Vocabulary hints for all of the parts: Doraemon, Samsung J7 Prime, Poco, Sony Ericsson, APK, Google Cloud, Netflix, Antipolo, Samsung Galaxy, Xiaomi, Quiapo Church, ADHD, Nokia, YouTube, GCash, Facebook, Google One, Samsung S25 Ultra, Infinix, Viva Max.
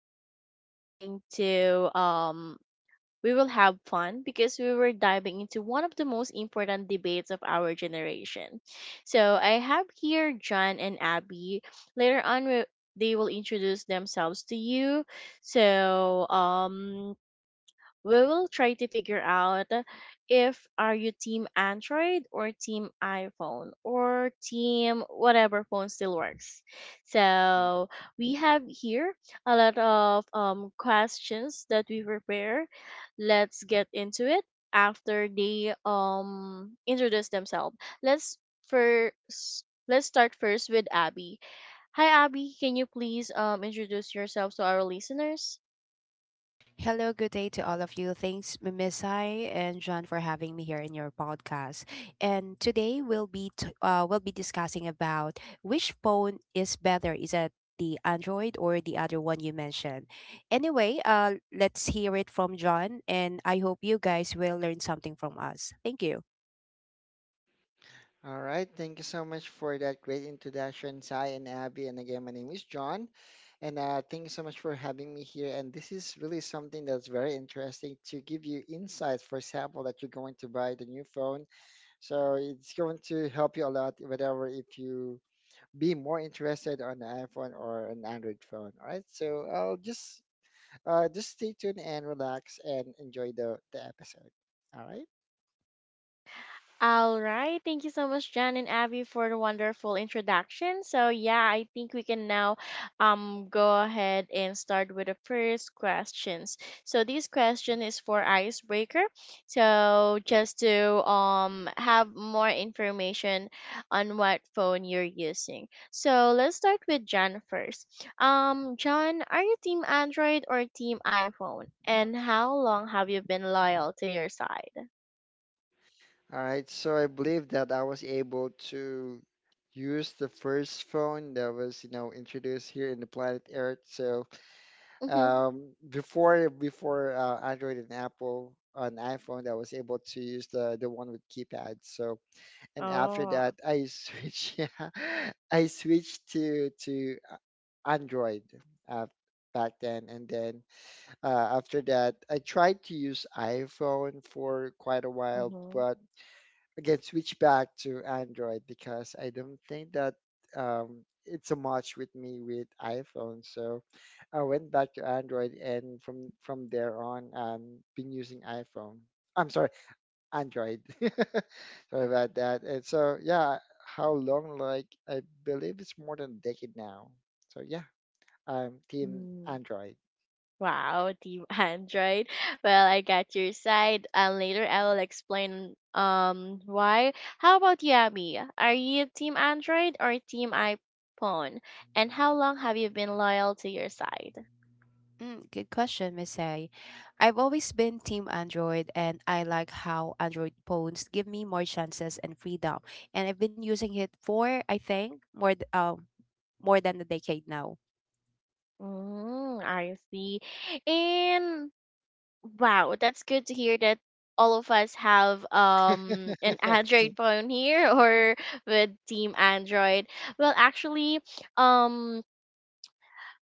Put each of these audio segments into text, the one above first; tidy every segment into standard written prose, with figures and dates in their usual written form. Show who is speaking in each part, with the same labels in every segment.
Speaker 1: will be going to we will have fun because we were diving into one of the most important debates of our generation. So, I have here John and Abby. Later on, they will introduce themselves to you. So, um, we will try to figure out if are you team Android or team iPhone or team whatever phone still works. So we have here a lot of questions that we prepare. Let's get into it after they introduce themselves. Let's first let's start first with Abby. Hi Abby, can you please introduce yourself to our listeners?
Speaker 2: Hello, good day to all of you. Thanks, Misai and John, for having me here in your podcast. And today we'll be we'll be discussing about which phone is better. Is it the Android or the other one you mentioned? Anyway, let's hear it from John, and I hope you guys will learn something from us. Thank you.
Speaker 3: All right. Thank you so much for that great introduction, Sai and Abby. And again, my name is John. And thank you so much for having me here. And this is really something that's very interesting to give you insights. For example, that you're going to buy the new phone. So it's going to help you a lot, whatever, if you be more interested on an iPhone or an Android phone. All right. So I'll just stay tuned and relax and enjoy the episode. All right.
Speaker 1: All right. Thank you so much, Jan and Abby, for the wonderful introduction. So, yeah, I think we can now go ahead and start with the first questions. So, this question is for Icebreaker. So, just to have more information on what phone you're using. So, let's start with Jan first. John, are you team Android or team iPhone? And how long have you been loyal to your side?
Speaker 3: All right, so I believe that I was able to use the first phone that was, you know, introduced here in the planet Earth. So
Speaker 1: Mm-hmm.
Speaker 3: um, before before uh, Android and Apple on iPhone, I was able to use the one with keypad. So and after
Speaker 1: Oh.
Speaker 3: that, I switch yeah, I switched to Android uh, back then, and then after that, I tried to use iPhone for quite a while,
Speaker 1: Mhm.
Speaker 3: but again switch back to Android because I don't think that it's a match with me with iPhone. So I went back to Android, and from there on, been using iPhone. I'm sorry, Android. Sorry about that. And so yeah, how long? Like I believe it's more than a decade now. So yeah, I'm team
Speaker 1: Mm.
Speaker 3: Android.
Speaker 1: Wow, Team Android. Well, I got your side, and later I will explain why. How about you, Abby? Are you Team Android or Team iPhone? And how long have you been loyal to your side?
Speaker 2: Mm, good question, Miss A. I've always been team Android, and I like how Android phones give me more chances and freedom. And I've been using it for I think more than a decade now.
Speaker 1: Mm, I see. And wow, that's good to hear that all of us have an Android
Speaker 3: Team-
Speaker 1: phone here or with Team Android. Well, actually, um.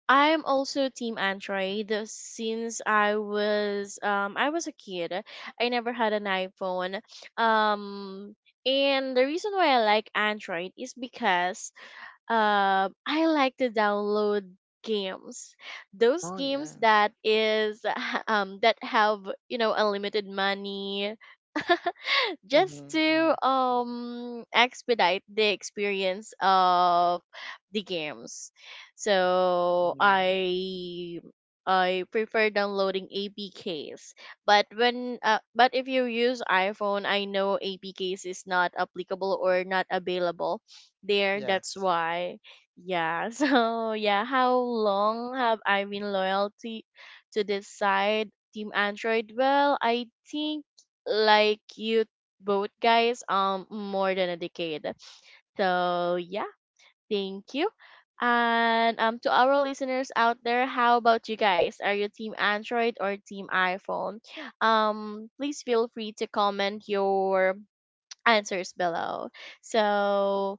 Speaker 1: I'm also team Android since I was a kid. I never had an iPhone. Um and the reason why I like Android is because I like to download games. Those
Speaker 3: oh yeah.
Speaker 1: games that is that have, you know, unlimited money, just to
Speaker 3: Mm-hmm.
Speaker 1: expedite the experience of the games. So
Speaker 3: Mm-hmm.
Speaker 1: I I prefer downloading APKs. But if you use iPhone, I know APKs is not applicable or not available there. That's
Speaker 3: Yes.
Speaker 1: why. Yeah. So yeah, how long have I been loyalty to this side, Team Android? Well, I think like you both guys more than a decade, so yeah, thank you. And to our listeners out there, how about you guys, are you team android or team iphone? Please feel free to comment your answers below. So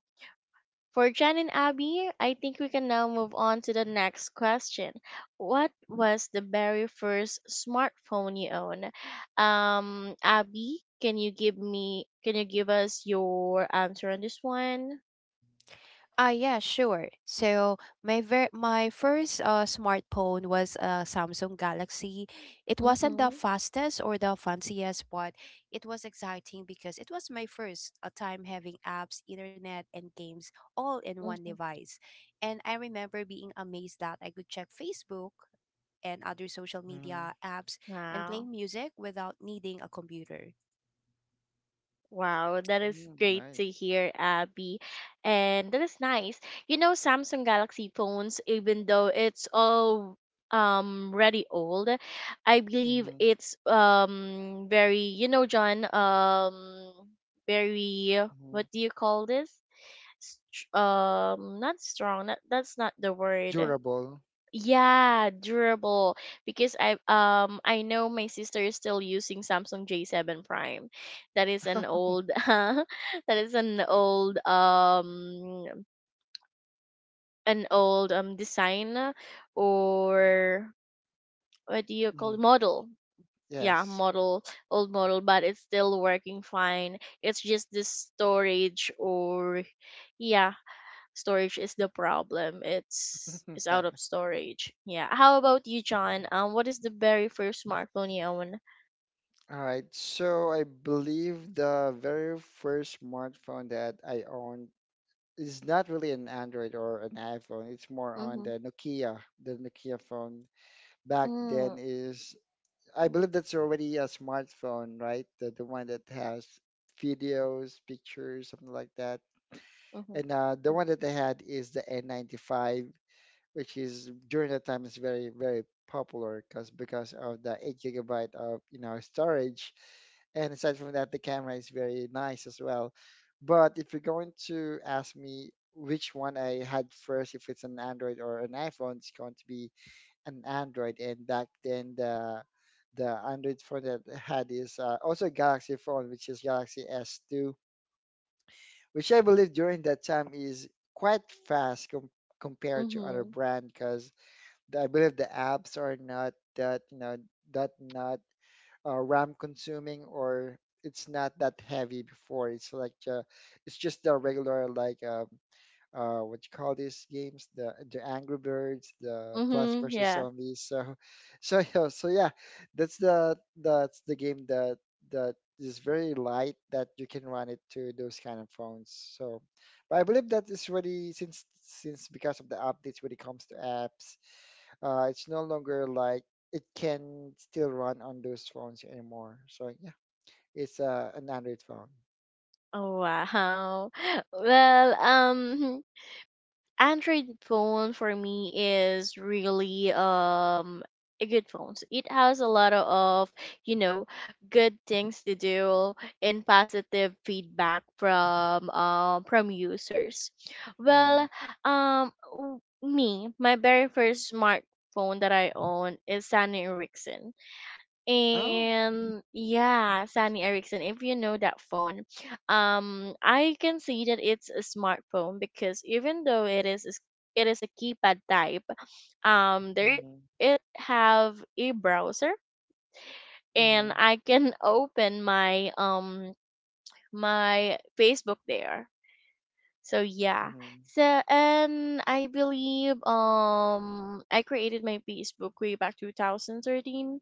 Speaker 1: for Jen and Abby, I think we can now move on to the next question. What was the very first smartphone you own? Abby, can you give us your answer on this one?
Speaker 2: Ah, yeah, sure. So my first smartphone was a Samsung Galaxy. It wasn't the
Speaker 1: Mm-hmm.
Speaker 2: fastest or the fanciest, but it was exciting because it was my first time having apps, internet, and games all in one
Speaker 1: Mm-hmm.
Speaker 2: device. And I remember being amazed that I could check Facebook and other social media apps and play
Speaker 1: Wow.
Speaker 2: music without needing a computer.
Speaker 1: Wow, that is
Speaker 3: Mm-hmm.
Speaker 1: great to
Speaker 3: Nice.
Speaker 1: hear, Abby. And that is nice. You know, Samsung Galaxy phones, even though it's all really old, I believe it's very, you know, John, very
Speaker 3: Mhm.
Speaker 1: what do you call this? Not strong. That's not the word.
Speaker 3: Durable.
Speaker 1: Yeah, durable because I know my sister is still using Samsung J7 Prime. That is an old, that is an old design or what do you call
Speaker 3: Mhm.
Speaker 1: it? Model. Yeah,
Speaker 3: Yes.
Speaker 1: model, old model, but it's still working fine. It's just the storage or yeah, storage is the problem. It's it's
Speaker 3: Yeah.
Speaker 1: out of storage. Yeah. How about you, John? What is the very first smartphone you own?
Speaker 3: All right. So I believe the very first smartphone that I owned is not really an Android or an iPhone. It's more on
Speaker 1: Mm-hmm.
Speaker 3: the Nokia phone. Back then
Speaker 1: Mm,
Speaker 3: is I believe that's already a smartphone, right? The one that has videos, pictures, something like that.
Speaker 1: mm-hmm.
Speaker 3: And the one that I had is the N95, which is during that time is very very popular because of the 8 gigabyte of, you know, storage. And aside from that, the camera is very nice as well. But if you're going to ask me which one I had first, if it's an Android or an iPhone, it's going to be an Android. And back then, the Android phone that I had is also a Galaxy phone, which is Galaxy S2, which I believe during that time is quite fast compared to other
Speaker 1: Mm-hmm.
Speaker 3: brand, because I believe the apps are not that, you know, that not RAM consuming, or it's not that heavy before. It's like it's just the regular like what you call these games, the Angry Birds, the Plants
Speaker 1: Mm-hmm.
Speaker 3: vs
Speaker 1: Yeah.
Speaker 3: Zombies. So so yeah, so yeah, that's the game that that is very light that you can run it to those kind of phones. So but I believe that is really since because of the updates when it comes to apps, it's no longer like it can still run on those phones anymore. So yeah, it's an Android phone.
Speaker 1: Oh wow. Well, Android phone for me is really a good phone. So it has a lot of, you know, good things to do and positive feedback from users. Well,
Speaker 3: Hmm
Speaker 1: w- me my very first smartphone that I own is Sony Ericsson.
Speaker 3: Oh.
Speaker 1: And yeah, Sony Ericsson, if you know that phone, I can see that it's a smartphone because even though it is a s- it is a keypad type, there
Speaker 3: hmm
Speaker 1: it have a browser and
Speaker 3: hmm
Speaker 1: I can open my my Facebook there. So yeah.
Speaker 3: hmm
Speaker 1: So and I believe I created my Facebook way back 2013,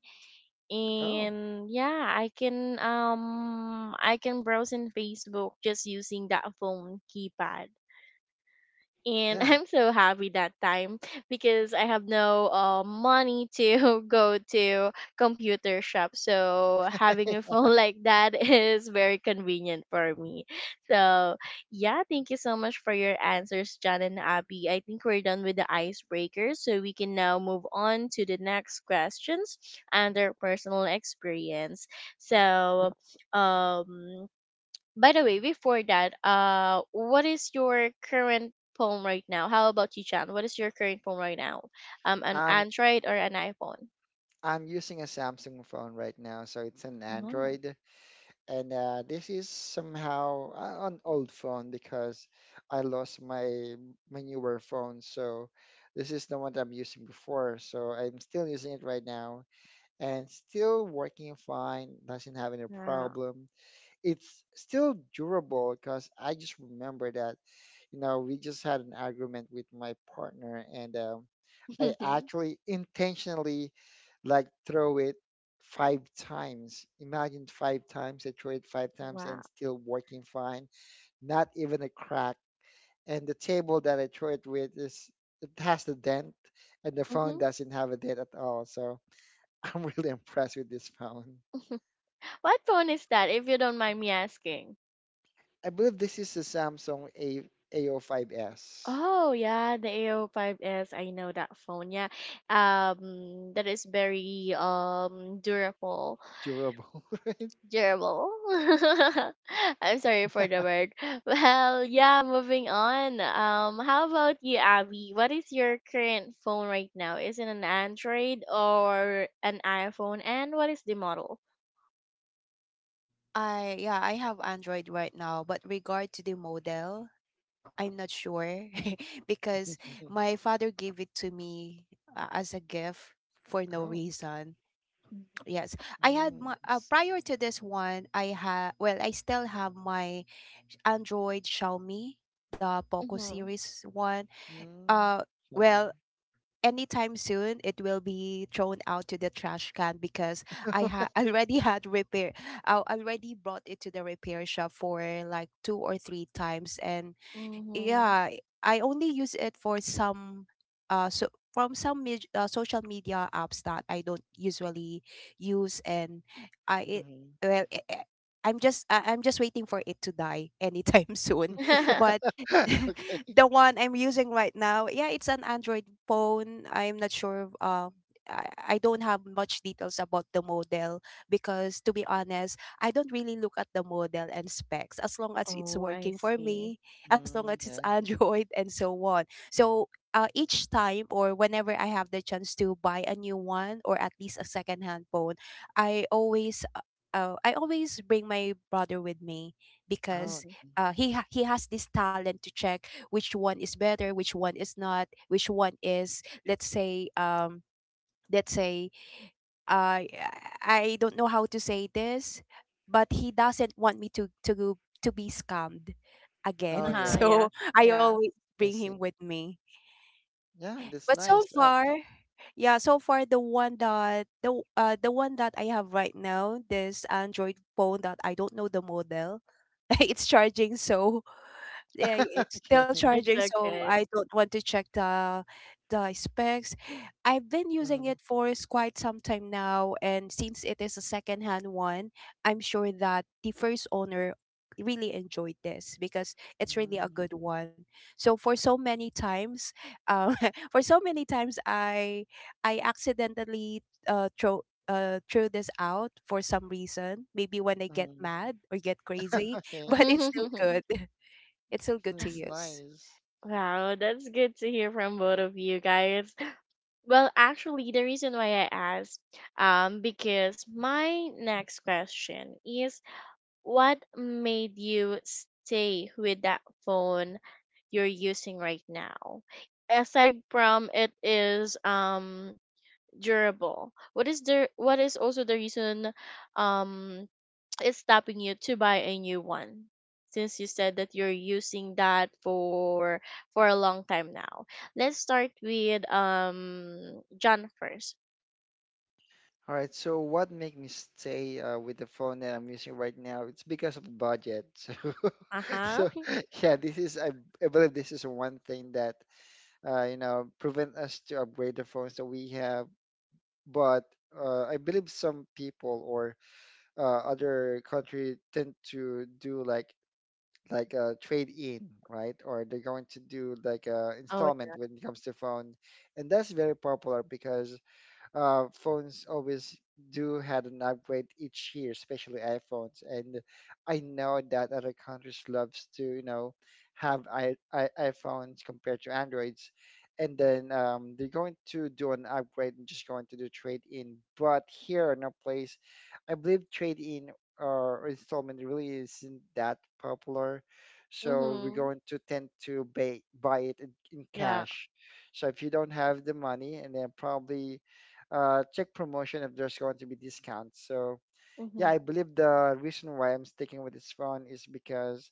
Speaker 3: Oh,
Speaker 1: and yeah, I can browse in facebook just using that phone keypad, and
Speaker 3: yeah.
Speaker 1: I'm so happy that time because I have no money to go to computer shop. So having a phone like that is very convenient for me. So yeah, thank you so much for your answers, John and Abby. I think we're done with the icebreakers, so we can now move on to the next questions and their personal experience. So um by the way, before that, what is your current phone right now? How about you, Chan? What is your current phone right now? An
Speaker 3: I'm
Speaker 1: Android or an iPhone?
Speaker 3: I'm using a Samsung phone right now, so it's an
Speaker 1: Oh,
Speaker 3: Android, and this is somehow an old phone because I lost my my newer phone. So this is the one that I'm using before. So I'm still using it right now, and still working fine, doesn't have any
Speaker 1: wow.
Speaker 3: problem. It's still durable, because I just remember that, you know, we just had an argument with my partner, and I
Speaker 1: mm-hmm.
Speaker 3: actually intentionally like throw it five times. Imagine five times, I throw it five times and still working fine, not even a crack. And the table that I throw it with, is it has a dent and the phone doesn't have a dent at all. So I'm really impressed with this phone.
Speaker 1: What phone is that, if you don't mind me asking?
Speaker 3: I believe this is a Samsung A A05s.
Speaker 1: Oh yeah, the ao O Five S. I know that phone. Yeah, that is very durable.
Speaker 3: Durable, right?
Speaker 1: Gerbil. I'm sorry for the word. Well, yeah, moving on. How about you, Abby? What is your current phone right now? Is it an Android or an iPhone? And what is the model?
Speaker 2: I Yeah, I have Android right now, but regard to the model, I'm not sure because my father gave it to me as a gift for no
Speaker 3: Oh,
Speaker 2: reason. Yes, I had my,
Speaker 3: mm, s-
Speaker 2: prior to this one. I had Well, I still have my Android Xiaomi, the Poco
Speaker 1: Mm-hmm.
Speaker 2: series one.
Speaker 3: mm,
Speaker 2: Uh,
Speaker 3: Xiaomi.
Speaker 2: well, anytime soon it will be thrown out to the trash can because already had repair. I already brought it to the repair shop for like two or three times, and
Speaker 1: Mm-hmm.
Speaker 2: yeah, I only use it for some, uh so from some social media apps that I don't usually use. And i it,
Speaker 3: Mhm.
Speaker 2: well, I'm just waiting for it to die anytime soon. But
Speaker 3: Okay.
Speaker 2: the one I'm using right now, yeah, it's an Android phone. I'm not sure, I don't have much details about the model because, to be honest, I don't really look at the model and specs, as long as it's
Speaker 1: oh, I
Speaker 2: working for
Speaker 1: see.
Speaker 2: me, as long
Speaker 3: Mm,
Speaker 2: as it's
Speaker 3: yeah.
Speaker 2: Android and so on. So each time or whenever I have the chance to buy a new one or at least a secondhand phone, I always uh, I always bring my brother with me
Speaker 3: Oh,
Speaker 2: because
Speaker 1: Mm-hmm.
Speaker 3: okay.
Speaker 2: he has this talent to check which one is better, which one is not, which one is, let's say uh, I don't know how to say this, but he doesn't want me to be scammed
Speaker 3: Oh,
Speaker 2: again.
Speaker 1: Uh-huh,
Speaker 3: yeah.
Speaker 2: So
Speaker 1: yes,
Speaker 2: I
Speaker 1: yes.
Speaker 2: always
Speaker 3: I
Speaker 2: bring him
Speaker 3: see.
Speaker 2: with me.
Speaker 3: Yeah, that's
Speaker 2: But so
Speaker 3: nice.
Speaker 2: far, yeah, so far the one that I have right now, this Android phone that I don't know the model, it's charging. So yeah, yeah, it's still
Speaker 3: Okay.
Speaker 2: charging,
Speaker 1: It's
Speaker 2: so I
Speaker 1: okay.
Speaker 2: don't want to check the specs. I've been using
Speaker 3: Mm,
Speaker 2: it for quite some time now, and since it is a secondhand one, I'm sure that the first owner really enjoyed this because it's really a
Speaker 3: mm,
Speaker 2: good one. So for so many times, um, for so many times, I accidentally throw threw this out for some reason. Maybe when I get
Speaker 3: mm.
Speaker 2: mad or get crazy,
Speaker 3: Okay.
Speaker 2: but it's still good to
Speaker 3: That's
Speaker 2: use?
Speaker 3: nice.
Speaker 1: Wow, that's good to hear from both of you guys. Well, actually, the reason why I asked, because my next question is what made you stay with that phone you're using right now? Aside from it is durable, what is also the reason um it's stopping you to buy a new one? Since you said that you're using that for a long time now. Let's start with John first.
Speaker 3: All right. So what make me stay with the phone that I'm using right now? It's because of the budget.
Speaker 1: Uh-huh.
Speaker 3: So so yeah, this is I believe this is one thing that you know, prevent us to upgrade the phones that we have. But I believe some people or uh, other country tend to do like a trade in, right? Or they're going to do like a
Speaker 1: Oh,
Speaker 3: installment when it comes to phone, and that's very popular because phones always do had an upgrade each year, especially iPhones. And I know that other countries loves to, you know, have iPhones compared to Androids. And then they're going to do an upgrade and just going to do trade in. But here in our place, I believe trade in or installment really isn't that popular. So we're
Speaker 1: mhm.
Speaker 3: going to tend to buy, it in
Speaker 1: Yeah.
Speaker 3: cash. So if you don't have the money, and then probably check promotion if there's going to be discounts. So yeah,
Speaker 1: Mhm.
Speaker 3: I believe the reason why I'm sticking with this phone is because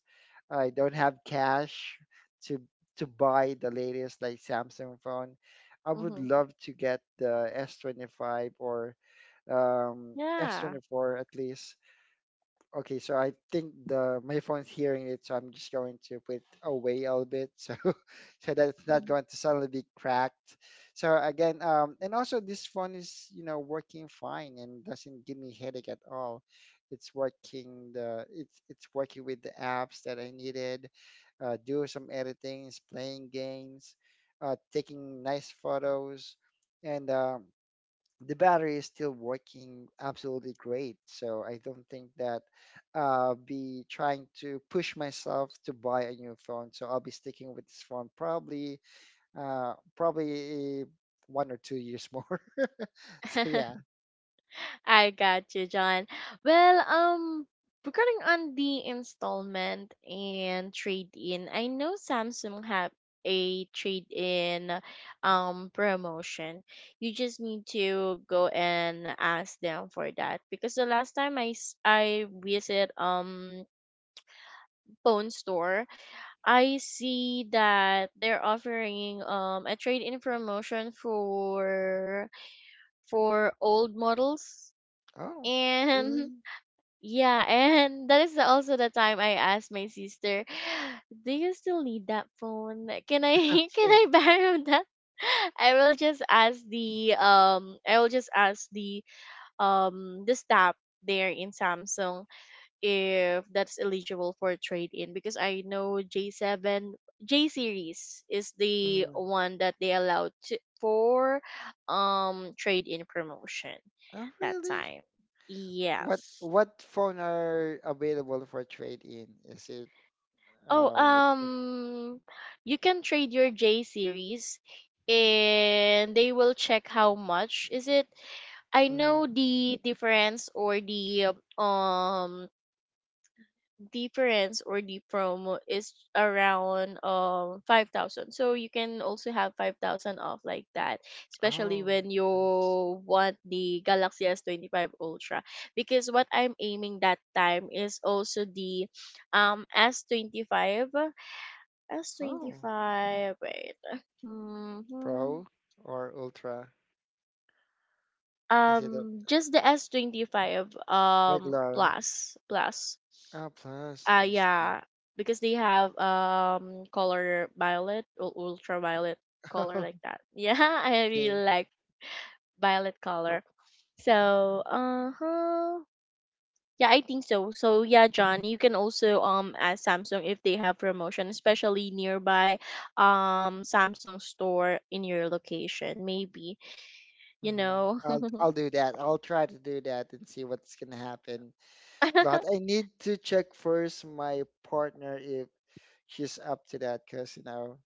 Speaker 3: I don't have cash to buy the latest like Samsung phone. I would
Speaker 1: Mhm.
Speaker 3: love to get the S25, or
Speaker 1: Yeah.
Speaker 3: S24 at least. Okay, so I think the my phone's hearing it, so I'm just going to put it away a little bit, so so that it's not
Speaker 1: Mhm.
Speaker 3: going to suddenly be cracked. So again, and also this phone is, you know, working fine and doesn't give me headache at all. It's working the it's working with the apps that I needed, do some editings, playing games, taking nice photos, and the battery is still working absolutely great. So I don't think that I be trying to push myself to buy a new phone. So I'll be sticking with this phone probably uh, probably 1 or 2 years more. So yeah.
Speaker 1: I got you, John. Well, regarding on the installment and trade-in, I know Samsung have a trade-in promotion. You just need to go and ask them for that because the last time I visit phone store, I see that they're offering a trade-in promotion for old models,
Speaker 3: Oh,
Speaker 1: and
Speaker 3: really?
Speaker 1: yeah, and that is also the time I asked my sister, do you still need that phone? Can I can
Speaker 3: Okay.
Speaker 1: I borrow that? I will just ask the staff there in Samsung if that's eligible for trade in, because I know J7, J series is the
Speaker 3: Mhm.
Speaker 1: one that they allowed to, for trade in promotion
Speaker 3: Oh,
Speaker 1: that
Speaker 3: really?
Speaker 1: time. Yes.
Speaker 3: What phone are available for trade in? Is it
Speaker 1: Oh,
Speaker 3: what-
Speaker 1: you can trade your J series and they will check how much is it. I
Speaker 3: mhm.
Speaker 1: know the difference or the Difference or the promo is around 5,000. So you can also have 5,000 off like that, especially
Speaker 3: Oh,
Speaker 1: when you
Speaker 3: nice.
Speaker 1: want the Galaxy S 25 Ultra. Because what I'm aiming that time is also the um S twenty five S twenty
Speaker 3: Oh,
Speaker 1: five. Wait. hmm
Speaker 3: Pro or Ultra? Is it?
Speaker 1: Just the S 25
Speaker 3: Regular.
Speaker 1: plus plus.
Speaker 3: Ah, plus, I see.
Speaker 1: Yeah, because they have color violet or ultraviolet color like that. Yeah, I
Speaker 3: Okay.
Speaker 1: really like violet color. So, uh-huh. Yeah, I think so. So yeah, John, you can also ask Samsung if they have promotion, especially nearby Samsung store in your location, maybe, you
Speaker 3: hmm
Speaker 1: know.
Speaker 3: I'll do that. I'll try to do that and see what's gonna happen. But I need to check first my partner if she's up to that, because, you know,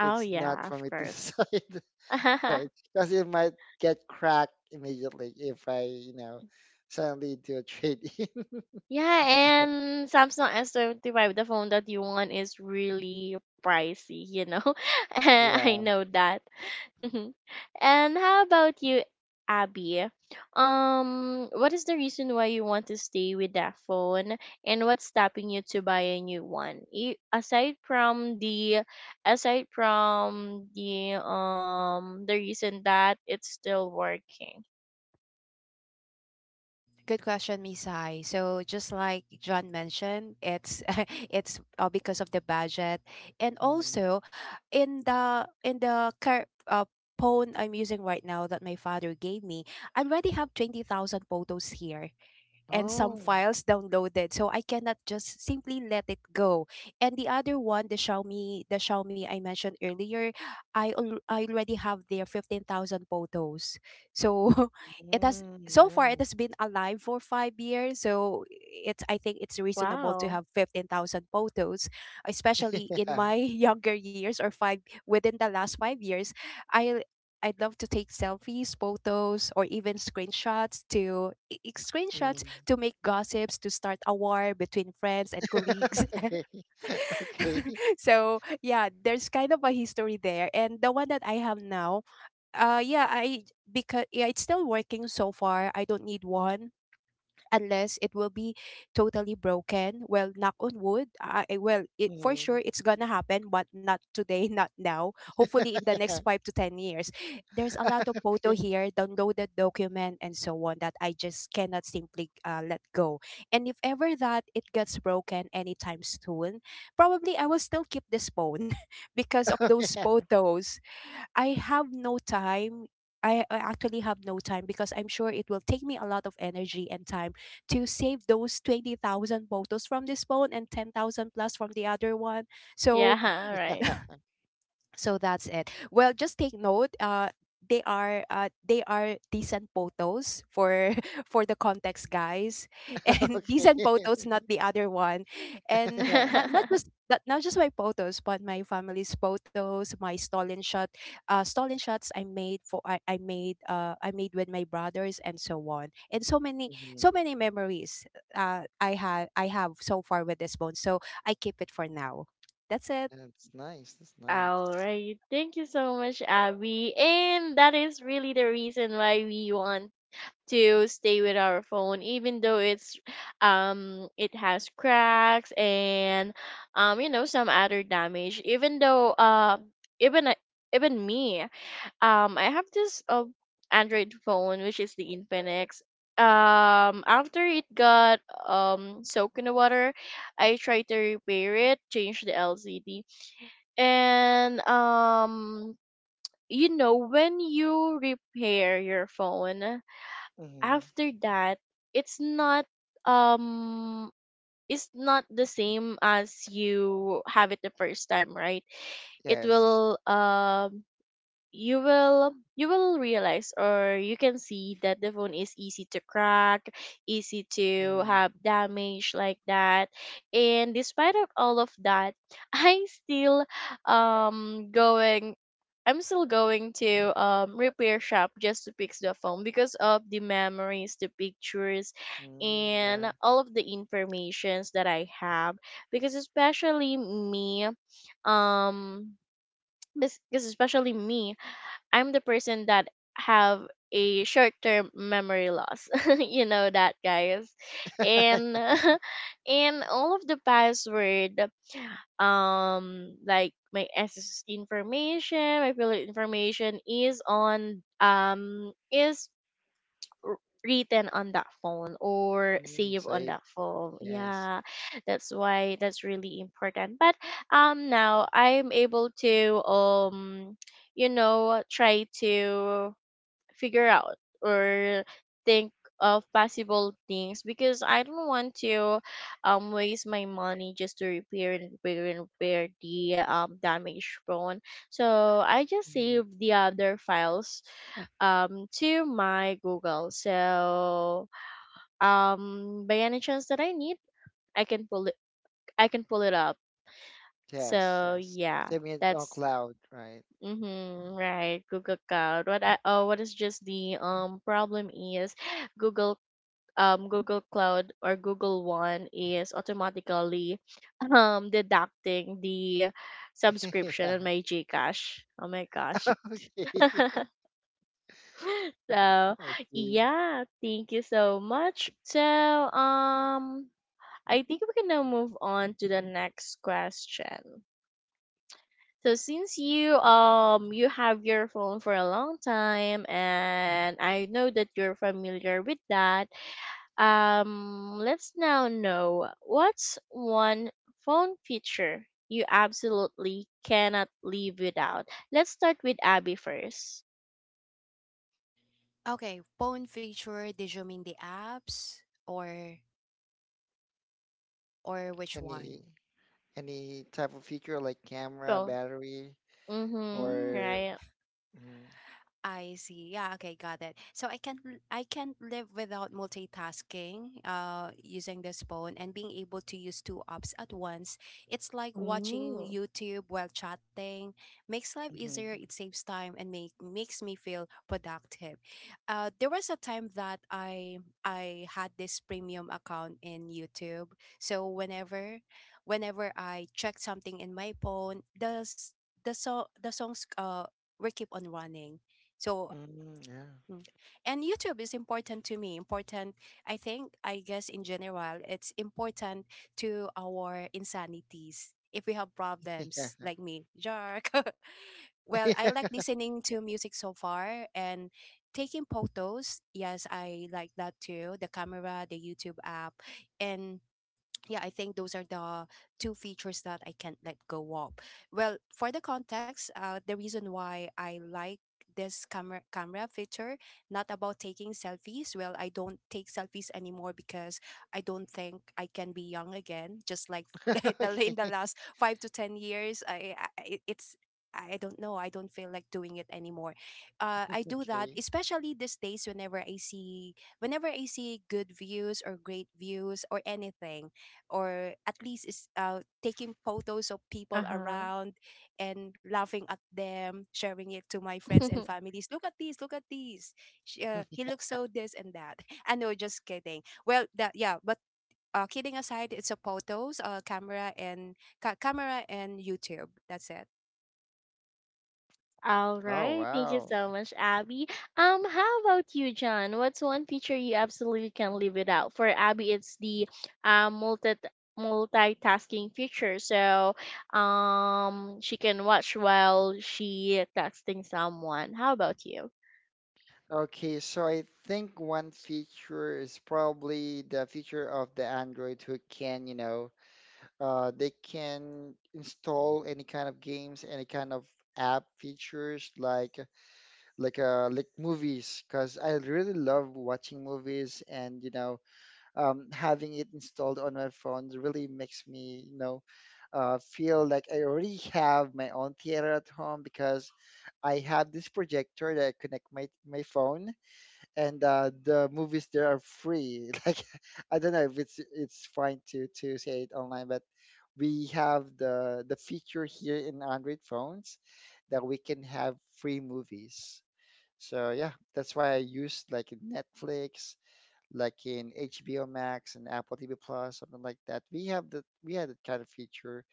Speaker 1: oh
Speaker 3: it's not
Speaker 1: yeah, of
Speaker 3: for me to
Speaker 1: course.
Speaker 3: decide, right? Because it might get cracked immediately if I, you know, suddenly do a trade-in.
Speaker 1: Yeah, and Samsung S25, the phone that you want is really pricey, you know? I
Speaker 3: Yeah.
Speaker 1: know that. And how about you, Abby? What is the reason why you want to stay with that phone, and what's stopping you to buy a new one? You, aside from the reason that it's still working.
Speaker 2: Good question, Misai. So just like John mentioned, it's it's because of the budget, and
Speaker 3: Mhm.
Speaker 2: also in the phone I'm using right now that my father gave me, I already have 20,000 photos here, and some
Speaker 3: Oh.
Speaker 2: files downloaded. So I cannot just simply let it go. And the other one, the Xiaomi I mentioned earlier, I already have their 15,000 photos. So it has
Speaker 3: Mm,
Speaker 2: so far it
Speaker 3: yeah.
Speaker 2: has been alive for 5 years. So it's, I think, it's reasonable to
Speaker 1: Wow.
Speaker 2: have 15,000 photos, especially in
Speaker 3: Yeah.
Speaker 2: my younger years, or five within the last 5 years. I I'd love to take selfies, photos, or even screenshots,
Speaker 3: Mm.
Speaker 2: to make gossips, to start a war between friends and colleagues.
Speaker 3: Okay. Okay.
Speaker 2: So yeah, there's kind of a history there. And the one that I have now, yeah, I because, yeah, it's still working so far. I don't need one unless it will be totally broken. Well, knock on wood. Well, it for
Speaker 3: Mhm.
Speaker 2: sure it's gonna happen, but not today, not now. Hopefully, in the next 5 to 10 years. There's a lot of
Speaker 3: Okay.
Speaker 2: photo here, downloaded document, and so on that I just cannot simply let go. And if ever that it gets broken anytime soon, probably I will still keep this phone because of those
Speaker 3: Yeah.
Speaker 2: photos. I have no time. I actually have no time because I'm sure it will take me a lot of energy and time to save those 20,000 photos from this phone and 10,000 plus from the other one.
Speaker 1: Yeah,
Speaker 2: So so that's it. Well, just take note, they are, they are decent photos for for the context, guys. And decent
Speaker 3: Okay.
Speaker 2: photos, not the other one. And
Speaker 3: Yeah.
Speaker 1: right.
Speaker 2: not just my photos, but my family's photos, my stolen shot, stolen shots I made with my brothers, and so on. And so
Speaker 3: Mhm.
Speaker 2: many memories I have so far with this bone, so I keep it for now. That's it.
Speaker 3: That's nice. That's
Speaker 1: All
Speaker 3: nice.
Speaker 1: right. Thank you so much, Abby. And that is really the reason why we want to stay with our phone, even though it's it has cracks and you know some other damage. Even though even I- even me, I have this Android phone which is the Infinix. After it got soaked in the water, I tried to repair it, change the LCD and you know, when you repair your phone
Speaker 3: Mhm.
Speaker 1: after that, it's not um it's not the same as you have it the first time, right? It
Speaker 3: Yes.
Speaker 1: will you will, you will realize or you can see that the phone is easy to crack, easy to
Speaker 3: Mhm.
Speaker 1: have damage like that. And despite of all of that, I still going I'm still going to repair shop just to fix the phone because of the memories, the pictures,
Speaker 3: Mm, yeah.
Speaker 1: and all of the informations that I have. because especially me um because especially me, I'm the person that have a short term memory loss. you know that, guys. And and all of the password, like my access information, my pilot information is r- written on that phone or
Speaker 3: Mm,
Speaker 1: save on
Speaker 3: save.
Speaker 1: that phone,
Speaker 3: Yes.
Speaker 1: yeah. That's why that's really important, but now I'm able to try to figure out or think of possible things, because I don't want to waste my money just to repair and repair and repair the damaged phone. So I just
Speaker 3: Mhm.
Speaker 1: saved the other files to my Google. So by any chance that I need, I can pull it I can pull it up.
Speaker 3: Yes.
Speaker 1: So
Speaker 3: Yes.
Speaker 1: yeah,
Speaker 3: Save me on
Speaker 1: that's...
Speaker 3: cloud, right?
Speaker 1: Mm-hmm, right, Google Cloud. What is just the problem is Google... Google Cloud or Google One is automatically deducting the
Speaker 3: Yeah.
Speaker 1: subscription on my GCash. Oh my gosh.
Speaker 3: Okay.
Speaker 1: So,
Speaker 3: I see.
Speaker 1: yeah, thank you so much. So, I think we can now move on to the next question. So since you have your phone for a long time and I know that you're familiar with that, let's now know what's one phone feature you absolutely cannot live without. Let's start with Abby first.
Speaker 2: Okay, phone feature, did you mean the apps, or which one?
Speaker 3: Any any type of feature like camera,
Speaker 1: Go.
Speaker 3: battery,
Speaker 1: Mhm.
Speaker 2: Hmm.
Speaker 3: or
Speaker 1: Right.
Speaker 3: mm,
Speaker 2: I see. Yeah, okay, got it. So I can't live without multitasking, using this phone and being able to use two apps at once. It's like watching
Speaker 1: Mm.
Speaker 2: YouTube while chatting. Makes life
Speaker 3: Mhm.
Speaker 2: easier, it saves time, and makes me feel productive. There was a time that I had this premium account in YouTube. So whenever, I check something in my phone, the s- the so the songs will keep on running, so,
Speaker 3: mm, yeah.
Speaker 2: mm. And YouTube is important to me. Important, I think, I guess, in general, it's important to our insanities. If we have problems,
Speaker 3: Yeah.
Speaker 2: like me, Jark. Well, I like listening to music so far, and taking photos. Yes, I like that too. The camera, the YouTube app, and yeah, I think those are the two features that I can't let go of. Well, for the context, the reason why I like this camera feature, not about taking selfies. Well, I don't take selfies anymore because I don't think I can be young again, just like the in the
Speaker 3: Okay,
Speaker 2: last 5 to 10 years. I- it's I don't know, I don't feel like doing it anymore. I do that,
Speaker 3: okay.
Speaker 2: especially these days, whenever I see, good views or great views or anything, or at least is taking photos of people
Speaker 1: Uh-huh.
Speaker 2: around and laughing at them, sharing it to my friends and families. Look at this, look at this. He looks so this and that. I know, just kidding. Well, that, yeah, but kidding aside, it's a photos, camera and camera and YouTube. That's it.
Speaker 1: All
Speaker 3: Oh,
Speaker 1: right. Thank you
Speaker 3: wow.
Speaker 1: so much, Abby. How about you, John? What's one feature you absolutely can't live without? For Abby, it's the uh multi multitasking feature. So, she can watch while she texting someone. How about you?
Speaker 3: Okay, so I think one feature is probably the feature of the Android who can, you know, they can install any kind of games, any kind of app features like movies, because I really love watching movies. And you know, having it installed on my phone really makes me, you know, feel like I already have my own theater at home, because I have this projector that I connect my phone, and the movies there are free. Like I don't know if it's it's fine to say it online, but we have the feature here in Android phones that we can have free movies. So yeah, that's why I use like in Netflix, like in HBO Max and Apple TV Plus, something like that. We have that we had that kind of feature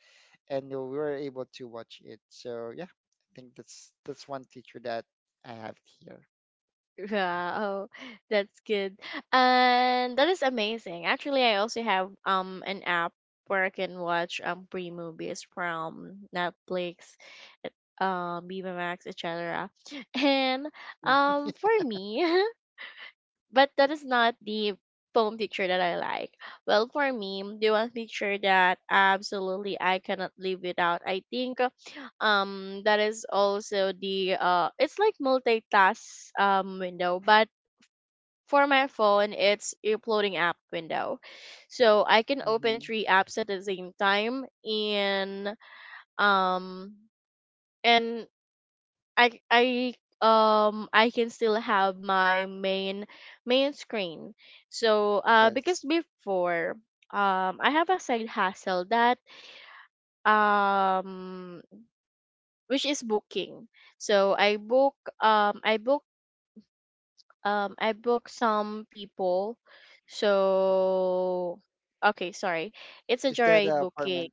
Speaker 3: and we were able to watch it. So yeah, I think that's one teacher that I have here.
Speaker 1: Yeah, oh, that's good. And that is amazing. Actually, I also have an app where I can watch free movies from Netflix, Viva Max, etc. And for me, but that is not the phone picture that I like. Well, for me, the one picture that absolutely I cannot live without, I think that is also the it's like multitask window, but for my phone, it's uploading app window. So I can
Speaker 3: hmm
Speaker 1: open three apps at the same time and um and I I I can still have my main screen. So
Speaker 3: Yes.
Speaker 1: because before I have a side hustle that um which is booking. So um I book I booked some people. So okay, sorry. It's a
Speaker 3: Is that an
Speaker 1: joyride booking.
Speaker 3: apartment?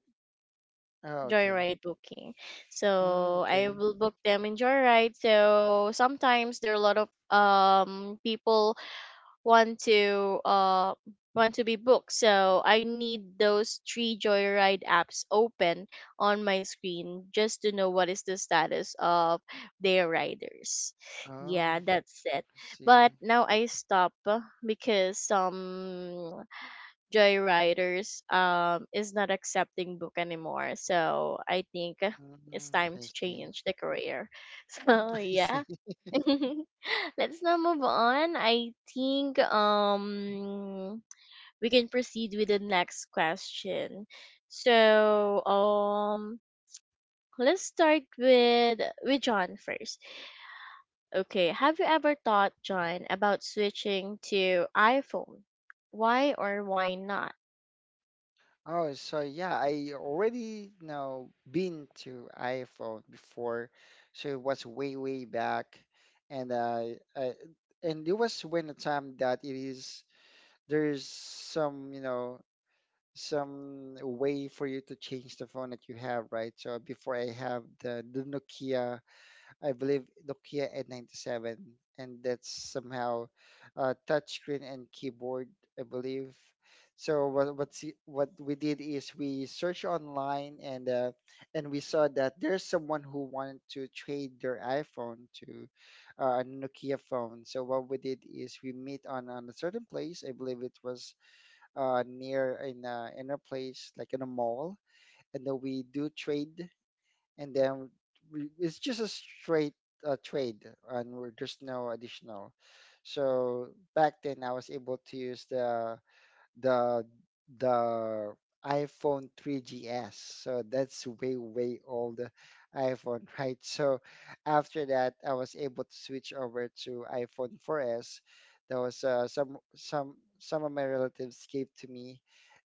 Speaker 3: Oh, okay.
Speaker 1: Joyride booking.
Speaker 3: Mm,
Speaker 1: So I
Speaker 3: okay.
Speaker 1: will book them in joyride. So sometimes there are a lot of people want to uh want to be booked, so I need those three joyride apps open on my screen just to know what is the status of their riders. Yeah,
Speaker 3: Oh,
Speaker 1: that's it.
Speaker 3: I
Speaker 1: But
Speaker 3: see.
Speaker 1: now I stop, because some joyriders is not accepting book anymore, so I think, it's
Speaker 3: Mm,
Speaker 1: time
Speaker 3: I
Speaker 1: to
Speaker 3: see.
Speaker 1: change the career. So
Speaker 3: I
Speaker 1: yeah.
Speaker 3: see.
Speaker 1: Let's now move on. I think we can proceed with the next question. So let's start with John first. Okay, have you ever thought, John, about switching to iPhone? Why or why not?
Speaker 3: Oh, so yeah, I already now been to iPhone before, so it was way back, and I and it was when the time that it is there's some, you know, some way for you to change the phone that you have, right? So before I have the Nokia, I believe Nokia N97, and that's somehow touchscreen and keyboard, I believe. So what we did is we searched online, and we saw that there's someone who wanted to trade their iPhone to a Nokia phone. So what we did is we meet on a certain place. I believe it was near in a place like in a mall, and then we do trade, and then it's just a straight trade, and there's no additional. So back then, I was able to use the the iPhone 3GS. So that's way way old iPhone, right? So after that, I was able to switch over to iPhone 4S. That was some of my relatives gave to me,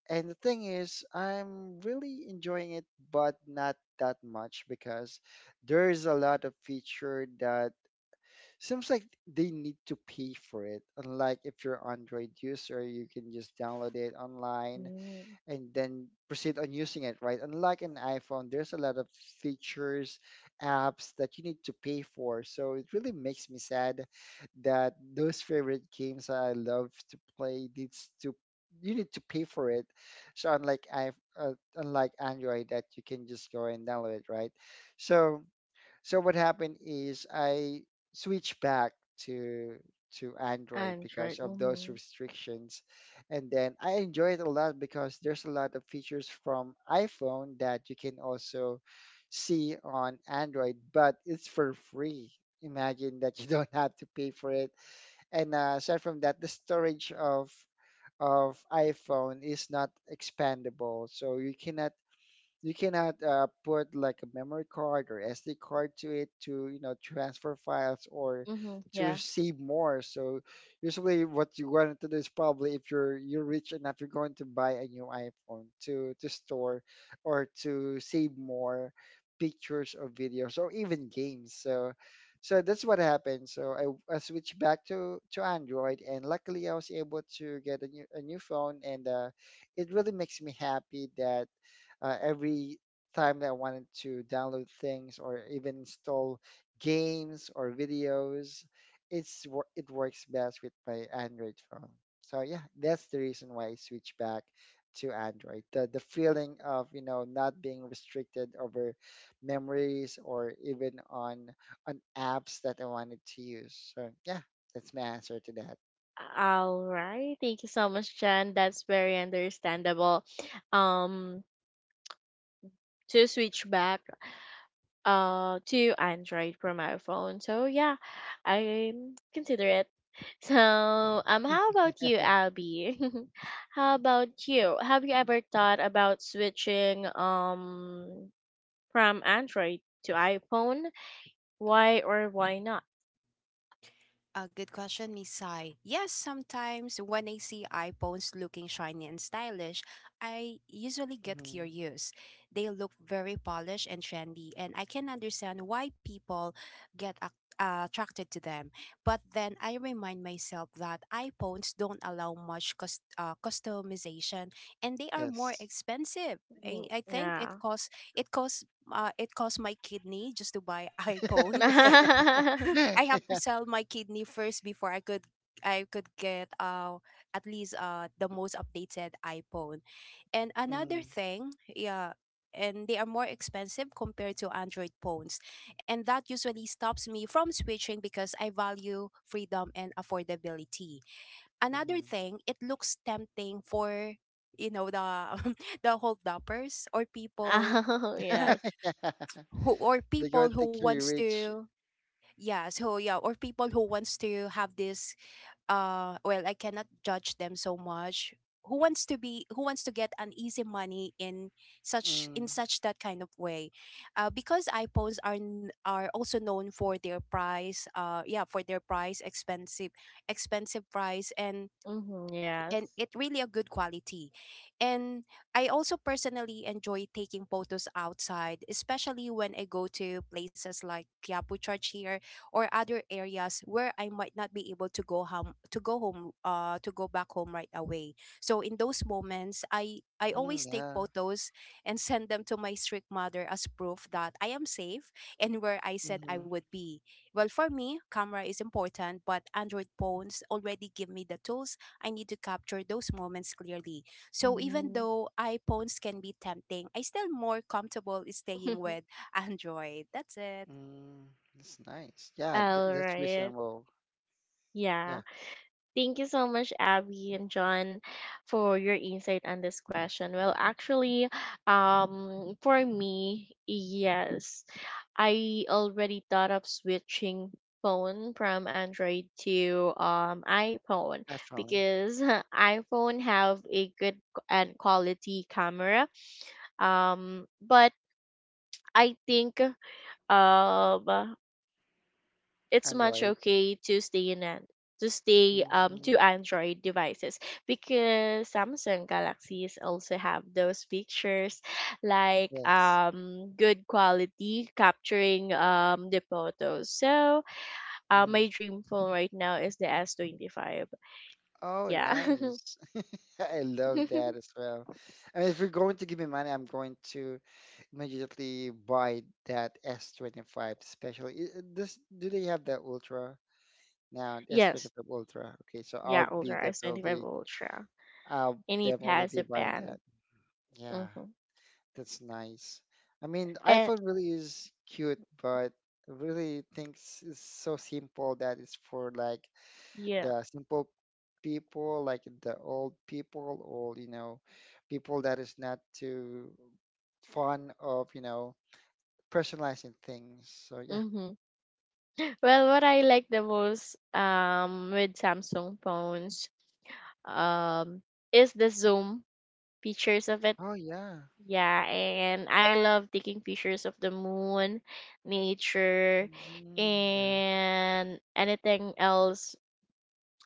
Speaker 3: and the thing is, I'm really enjoying it, but not that much because there's a lot of feature that seems like they need to pay for it. Unlike if you're Android user, you can just download it online
Speaker 1: Mm,
Speaker 3: and then proceed on using it, right? Unlike an iPhone, there's a lot of features, apps that you need to pay for. So it really makes me sad that those favorite games I love to play needs to you need to pay for it. So unlike I unlike Android that you can just go and download it, right? So so what happened is I switched back to to Android because
Speaker 1: Android.
Speaker 3: of those
Speaker 1: Mm-hmm.
Speaker 3: restrictions. And then I enjoy it a lot because there's a lot of features from iPhone that you can also see on Android, but it's for free. Imagine that you don't have to pay for it. And aside from that, the storage of iPhone is not expandable, so you cannot put like a memory card or SD card to it to you know transfer files or
Speaker 1: Mm-hmm.
Speaker 3: to
Speaker 1: Yeah.
Speaker 3: save more. So usually what you want to do is probably if you're you're rich enough, you're going to buy a new iPhone to store or to save more pictures or videos or even games. So so that's what happened. So I switched back to Android and luckily I was able to get a new phone and it really makes me happy that every time that I wanted to download things or even install games or videos, it works best with my Android phone. So yeah, that's the reason why I switched back to Android. The feeling of you know not being restricted over memories or even on apps that I wanted to use. So yeah, that's my answer to that.
Speaker 1: All right. Thank you so much, John. That's very understandable. Um, to switch back to Android from my phone. So yeah, I consider it. So how about you, Abby? how about you? Have you ever thought about switching from Android to iPhone? Why or why not?
Speaker 2: A good question, Miss Sai. Yes, sometimes when I see iPhones looking shiny and stylish, I usually get
Speaker 3: Mhm.
Speaker 2: curious. They look very polished and trendy, and I can understand why people attracted to them. But then I remind myself that iPhones don't allow much customization, and they are more
Speaker 3: Yes.
Speaker 2: expensive.
Speaker 1: Mm,
Speaker 2: I think
Speaker 1: yeah.
Speaker 2: it costs my kidney just to buy iPhone.
Speaker 3: Yeah.
Speaker 2: I have to sell my kidney first before I could get, at least, the most updated iPhone. And another
Speaker 3: Mhm.
Speaker 2: thing, yeah, and they are more expensive compared to Android phones. And that usually stops me from switching because I value freedom and affordability.
Speaker 3: Mhm.
Speaker 2: Another thing, it looks tempting for, you know, the the hold, or people
Speaker 1: Oh yes.
Speaker 3: Yeah.
Speaker 2: who, or
Speaker 3: They go
Speaker 2: people
Speaker 3: and
Speaker 2: who
Speaker 3: take you're
Speaker 2: wants
Speaker 3: rich.
Speaker 2: to, yeah. So yeah, or people who wants to have this, well, I cannot judge them so much, who wants to be, who wants to get an easy money in such,
Speaker 3: Mm,
Speaker 2: that kind of way. Because iPhones are also known for their price, expensive price, and
Speaker 1: Hmm, yes.
Speaker 2: it really a good quality. And I also personally enjoy taking photos outside, especially when I go to places like Quiapo Church here or other areas where I might not be able to go home, to go back home right away. So in those moments, I
Speaker 3: mm,
Speaker 2: always take
Speaker 3: yeah.
Speaker 2: photos and send them to my strict mother as proof that I am safe and where I said I
Speaker 3: Mm-hmm.
Speaker 2: would be. Well, for me, camera is important, but Android phones already give me the tools I need to capture those moments clearly. So even
Speaker 1: Mhm.
Speaker 2: though iPhones can be tempting, I still more comfortable staying with Android. That's it.
Speaker 3: Mm, that's nice. Yeah, th
Speaker 1: All
Speaker 3: that's
Speaker 1: right.
Speaker 3: reasonable. Yeah,
Speaker 1: Yeah. Thank you so much, Abby and John, for your insight on this question. Well, actually, for me, yes, I already thought of switching phone from Android to iPhone,
Speaker 3: iPhone,
Speaker 1: because iPhone have a good and quality camera. But I think um it's much
Speaker 3: Android.
Speaker 1: okay to stay in an... to
Speaker 3: Mm,
Speaker 1: Android devices, because Samsung Galaxies also have those pictures like
Speaker 3: yes.
Speaker 1: good quality capturing the photos. So,
Speaker 3: Mm.
Speaker 1: my dream phone right now is the S 25.
Speaker 3: Oh,
Speaker 1: Yeah.
Speaker 3: nice. I love that as well. I mean, if you're going to give me money, I'm going to immediately buy that S25 especially this, do they have that Ultra now?
Speaker 1: Yes.
Speaker 3: S25 Ultra. Okay, so I'll
Speaker 1: Yeah,
Speaker 3: be
Speaker 1: Ultra S 25
Speaker 3: definitely,
Speaker 1: Ultra.
Speaker 3: I'll
Speaker 1: And it
Speaker 3: definitely
Speaker 1: has
Speaker 3: be
Speaker 1: a
Speaker 3: buying
Speaker 1: pen.
Speaker 3: that. Yeah.
Speaker 1: Mm-hmm.
Speaker 3: That's nice. I mean,
Speaker 1: And
Speaker 3: iPhone really is cute, but I really thinks it's so simple that it's for like
Speaker 1: yeah.
Speaker 3: the simple people, like the old people, or you know, people that is not too fond of you know personalizing things. So yeah.
Speaker 1: Mm-hmm. Well, what I like the most with Samsung phones um is the zoom features of it.
Speaker 3: Oh yeah.
Speaker 1: Yeah, and I love taking pictures of the moon, nature,
Speaker 3: Mm, yeah.
Speaker 1: and anything else,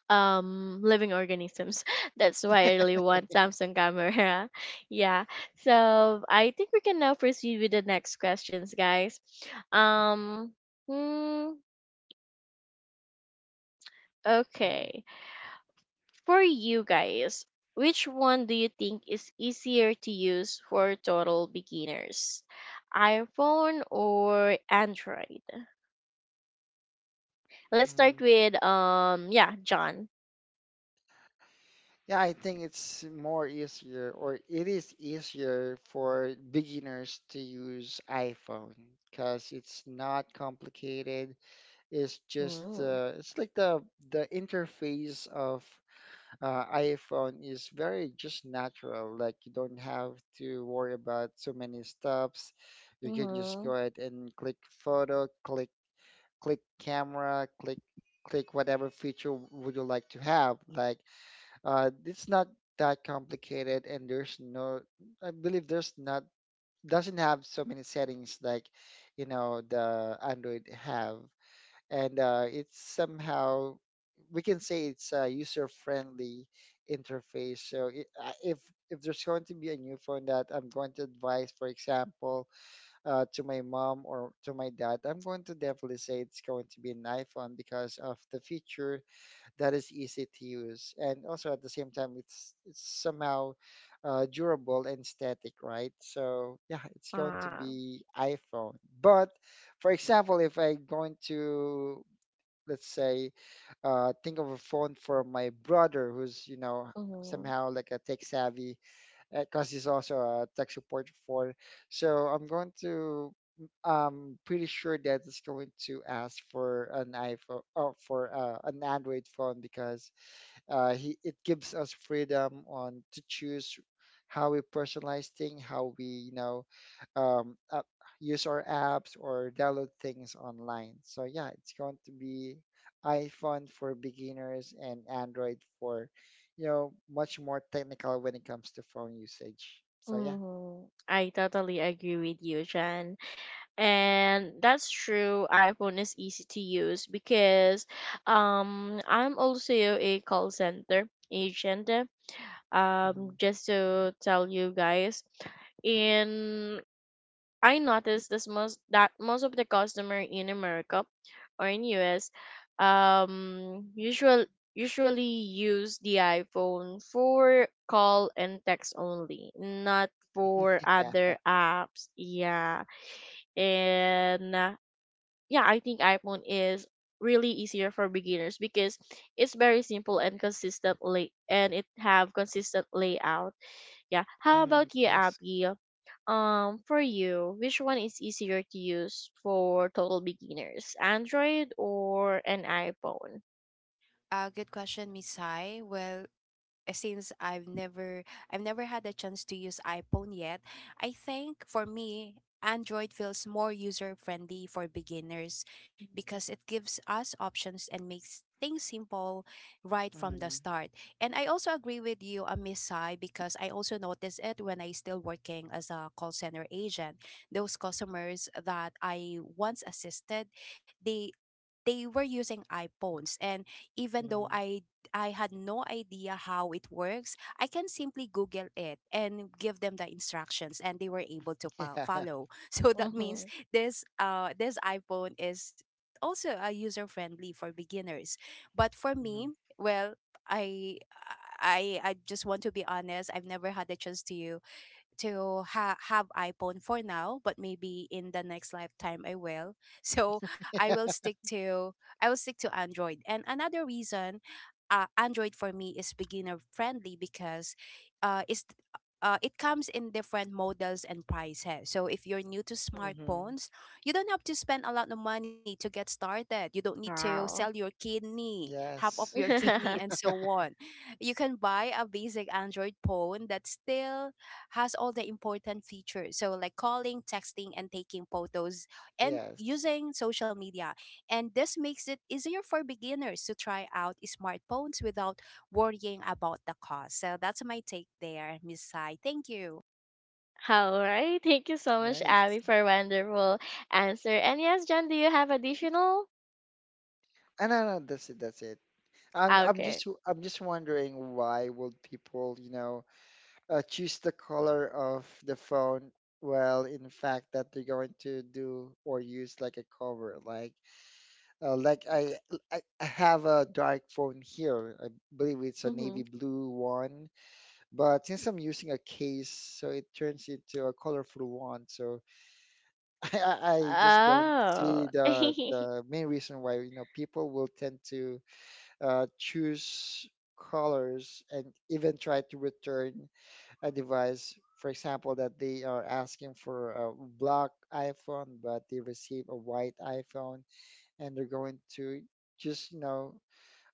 Speaker 1: living organisms. That's why I really want Samsung camera. Yeah. So, I think we can now proceed with the next questions, guys. Um, hmm,
Speaker 3: Mm,
Speaker 1: okay. For you guys, which one do you think is easier to use for total beginners? iPhone or Android? Let's start
Speaker 3: mm.
Speaker 1: with yeah, John.
Speaker 3: Yeah, I think it's more easier, or it is easier for beginners to use iPhone because it's not complicated. It's just
Speaker 1: Mm.
Speaker 3: it's like the interface of iPhone is very just natural. Like you don't have to worry about so many steps. You can just
Speaker 1: Mm-hmm.
Speaker 3: go ahead and click photo, click click camera, click click whatever feature would you like to have, like it's not that complicated, and there's no, I believe there's not, doesn't have so many settings like, you know, the Android have. And it's somehow, we can say it's a user-friendly interface. So if there's going to be a new phone that I'm going to advise, for example, to my mom or to my dad, I'm going to definitely say it's going to be an iPhone because of the feature that is easy to use, and also at the same time, it's somehow durable and static, right? So yeah, it's going to
Speaker 1: Ah.
Speaker 3: be iPhone. But for example, if I'm going to let's say think of a phone for my brother who's you know
Speaker 1: Mm-hmm.
Speaker 3: somehow like a tech savvy because he's also a tech support for so I'm going to I'm pretty sure that it's going to ask for an iPhone or for an Android phone because it gives us freedom on to choose how we personalize things, how we you know um, uh, use our apps or download things online. So yeah, it's going to be iPhone for beginners and Android for you know much more technical when it comes to phone usage. So yeah,
Speaker 1: Mm-hmm. I totally agree with you, John. And that's true. iPhone is easy to use because I'm also a call center agent,
Speaker 3: hmm.
Speaker 1: just to tell you guys, and I noticed this most, that most of the customer in America or in US um usual usually use the iPhone for call and text only, not for
Speaker 3: Yeah,
Speaker 1: other apps. Yeah. And yeah, I think iPhone is really easier for beginners because it's very simple and it have consistent layout, yeah. How
Speaker 3: hmm.
Speaker 1: about you,
Speaker 3: Yes,
Speaker 1: Abby? For you, which one is easier to use for total beginners, Android or an iPhone?
Speaker 2: Good question, Misai. Well, since I've never had a chance to use iPhone yet, I think for me Android feels more user friendly for beginners because it gives us options and makes things simple right from the
Speaker 3: hmm.
Speaker 2: start. And I also agree with you, Miss Sai, because I also noticed it when I still working as a call center agent. Those customers that I once assisted, they they were using iPhones and even though
Speaker 3: Hmm.
Speaker 2: I had no idea how it works, I can simply Google it and give them the instructions and they were able to
Speaker 3: Yeah,
Speaker 2: follow. So that means
Speaker 1: Mm-hmm.
Speaker 2: this iPhone is also user friendly for beginners. But for
Speaker 3: hmm.
Speaker 2: me, well, I I just want to be honest, I've never had the chance to have iPhone for now, but maybe in the next lifetime I will. So I will stick to I will stick to Android. And another reason, Android for me is beginner friendly because, uh, it's it comes in different models and prices. So if you're new to
Speaker 3: Hmm.
Speaker 2: smartphones, you don't have to spend a lot of money to get started. You don't need to sell
Speaker 1: Wow.
Speaker 2: your kidney, half of
Speaker 3: Yes,
Speaker 2: your kidney, and so on. You can buy a basic Android phone that's still has all the important features, so like calling, texting, and taking photos and
Speaker 3: yes,
Speaker 2: using social media. And this makes it easier for beginners to try out smartphones without worrying about the cost. So that's my take there, Miss Sai. Thank you.
Speaker 1: All right. Thank you so much,
Speaker 3: nice.
Speaker 1: Abby, for a wonderful answer. And yes, John, do you have additional?
Speaker 3: No, no, that's it. That's it. I'm, I'm
Speaker 1: Okay.
Speaker 3: just, i I'm just wondering why would people, you know, choose the color of the phone? Well, in fact, that they're going to do or use like a cover, like, like I have a dark phone here. I believe it's a
Speaker 1: Mm-hmm.
Speaker 3: navy blue one, but since I'm using a case, so it turns into a colorful one. So I just don't
Speaker 1: Oh.
Speaker 3: see the main reason why, you know, people will tend to choose colors, and even try to return a device. For example, that they are asking for a black iPhone, but they receive a white iPhone, and they're going to just you know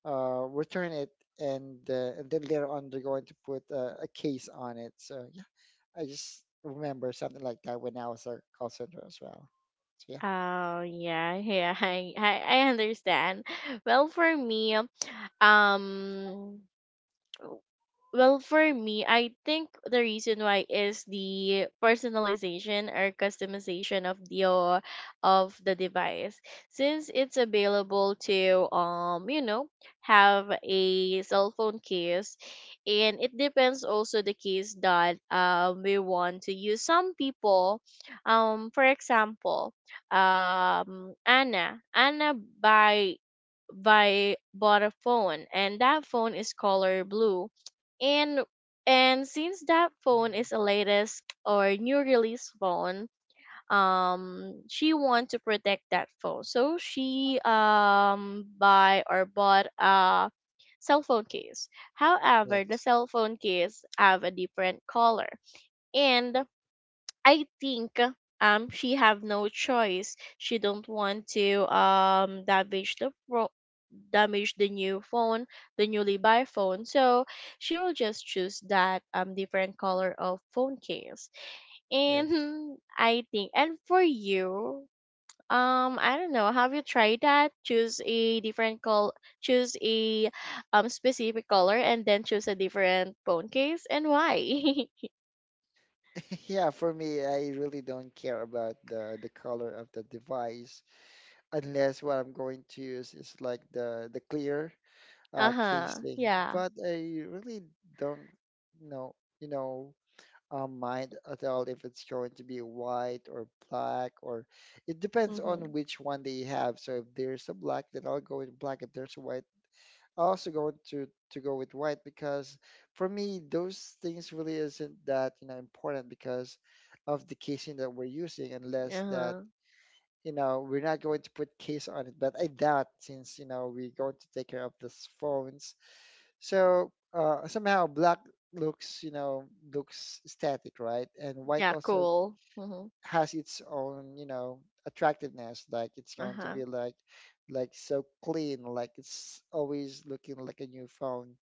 Speaker 3: return it, and then later on they're going to put a case on it. So yeah, I just remember something like that when I was a call center as well. So yeah,
Speaker 1: Oh yeah, yeah, I, I understand. Well, for me, um... Well, for me, I think the reason why is the personalization or customization of the device. Since it's available to, you know, have a cell phone case, and it depends also the case that we want to use. Some people, for example, Anna. Anna buy by bought a phone, and that phone is color blue, and and since that phone
Speaker 3: mhm.
Speaker 1: is a latest or new release phone, she want to protect that phone, so she buy or bought a cell phone case. However, the
Speaker 3: Yes.
Speaker 1: cell phone case have a different color, and I think she have no choice. She don't want to damage the pro damage the new phone, the newly buy phone. So she will just choose that different color of phone case. And
Speaker 3: Yes.
Speaker 1: hmm, I think... And for you, I don't know, have you tried that? Choose a specific color and then choose a different phone case, and why?
Speaker 3: Yeah, for me, I really don't care about the color of the device unless what I'm going to use is like the clear
Speaker 1: Uh-huh.
Speaker 3: casing.
Speaker 1: Yeah.
Speaker 3: But I really don't know, you know, mind at all if it's going to be white or black or it depends on
Speaker 1: Mhm.
Speaker 3: which one they have. So if there's a black, then I'll go with black. If there's a white, I also going to go with white because for me those things really isn't that you know important because of the casing that we're using unless that
Speaker 1: Uh-huh.
Speaker 3: you know we're not going to put case on it but I doubt since you know we're going to take care of these phones so somehow black looks you know looks static right and white
Speaker 1: Yeah,
Speaker 3: also
Speaker 1: cool. Mhm.
Speaker 3: has its own you know attractiveness like it's going to
Speaker 1: Uh-huh.
Speaker 3: be like so clean like it's always looking like a new phone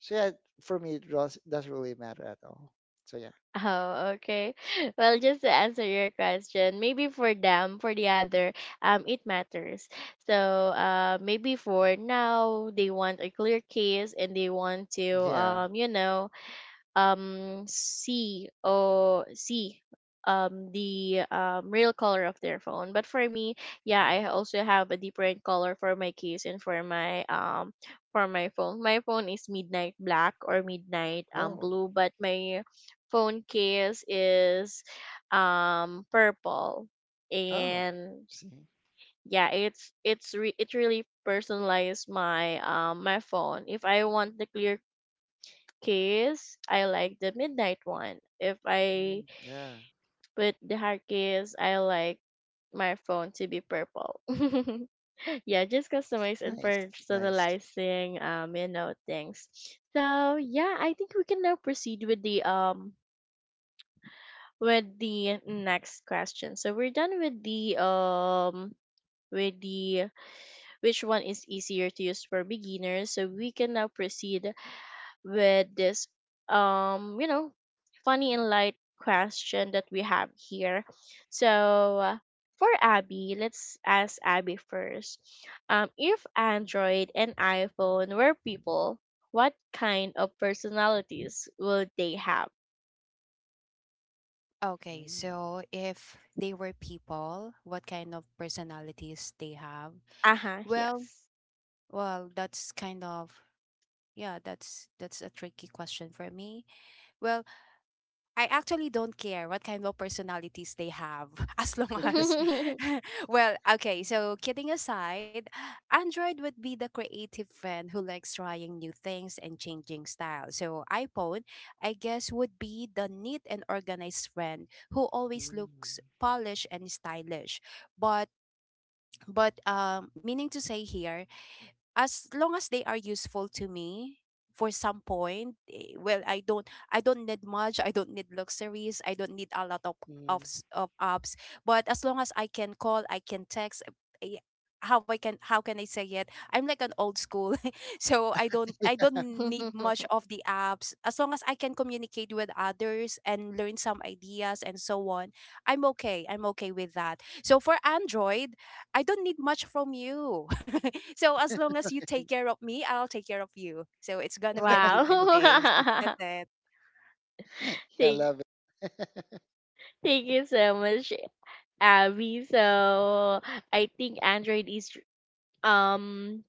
Speaker 3: so yeah, for me, it does, doesn't really matter at all. So yeah,
Speaker 1: Oh, okay. Well, just to answer your question, maybe for them, for the other, it matters. So, maybe for now, they want a clear case and they want to,
Speaker 3: yeah.
Speaker 1: you know, see the real color of their phone. But for me, yeah,
Speaker 3: Mhm.
Speaker 1: I also have a different color for my case and for my phone. My phone is midnight black or midnight
Speaker 3: Oh,
Speaker 1: blue, but my phone case is purple.
Speaker 3: oh,
Speaker 1: And
Speaker 3: see,
Speaker 1: yeah, it's it really personalized my phone. If I want the clear case, I like the midnight one. If I
Speaker 3: mm, yeah,
Speaker 1: put the hard case, I like my phone to be purple. Yeah, just customize and
Speaker 3: nice, nice.
Speaker 1: personalizing, you know, things. So yeah, I think we can now proceed with the next question. So we're done with the with the which one is easier to use for beginners. So we can now proceed with this, um you know funny and light question that we have here. So, for Abby, let's ask Abby first, if Android and iPhone were people, what kind of personalities would they have?
Speaker 2: Okay,
Speaker 3: Mm,
Speaker 2: so if they were people, what kind of personalities they have?
Speaker 1: Uh-huh,
Speaker 2: Well,
Speaker 1: yes.
Speaker 2: well, that's kind of yeah, that's a tricky question for me. Well, I actually don't care what kind of personalities they have as long as well, okay, so kidding aside, Android would be the creative friend who likes trying new things and changing style. So iPhone, I guess would be the neat and organized friend who always
Speaker 3: mm,
Speaker 2: looks polished and stylish. But but meaning to say here, as long as they are useful to me for some point, eh, well, I don't need much, I don't need luxuries, I don't need a lot of
Speaker 3: mm.
Speaker 2: apps, but as long as I can call, I can text. Eh, how can I say it, I'm like an old school. So I don't need much of the apps, as long as I can communicate with others and learn some ideas and so on, I'm okay with that. So for Android, I don't need much from you. So as long as you take care of me, I'll take care of you. So it's gonna be a give and take.
Speaker 1: Wow.
Speaker 2: That's it.
Speaker 3: Yeah, I
Speaker 1: Thank...
Speaker 3: love it.
Speaker 1: thank you so much, Abby. So I think Android is, um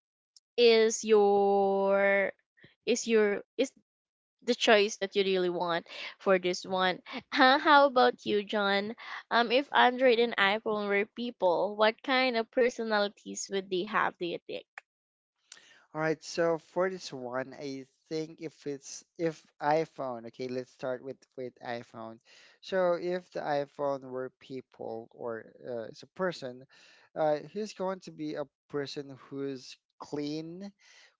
Speaker 1: is your... is the choice that you really want for this one. Huh? How about you, John? If Android and iPhone were people, what kind of personalities would they have? Do you think?
Speaker 3: All right, so for this one, I think if it's if iPhone, okay, let's start with iPhone. So if the iPhone were people or it's a person, he's going to be a person who's clean,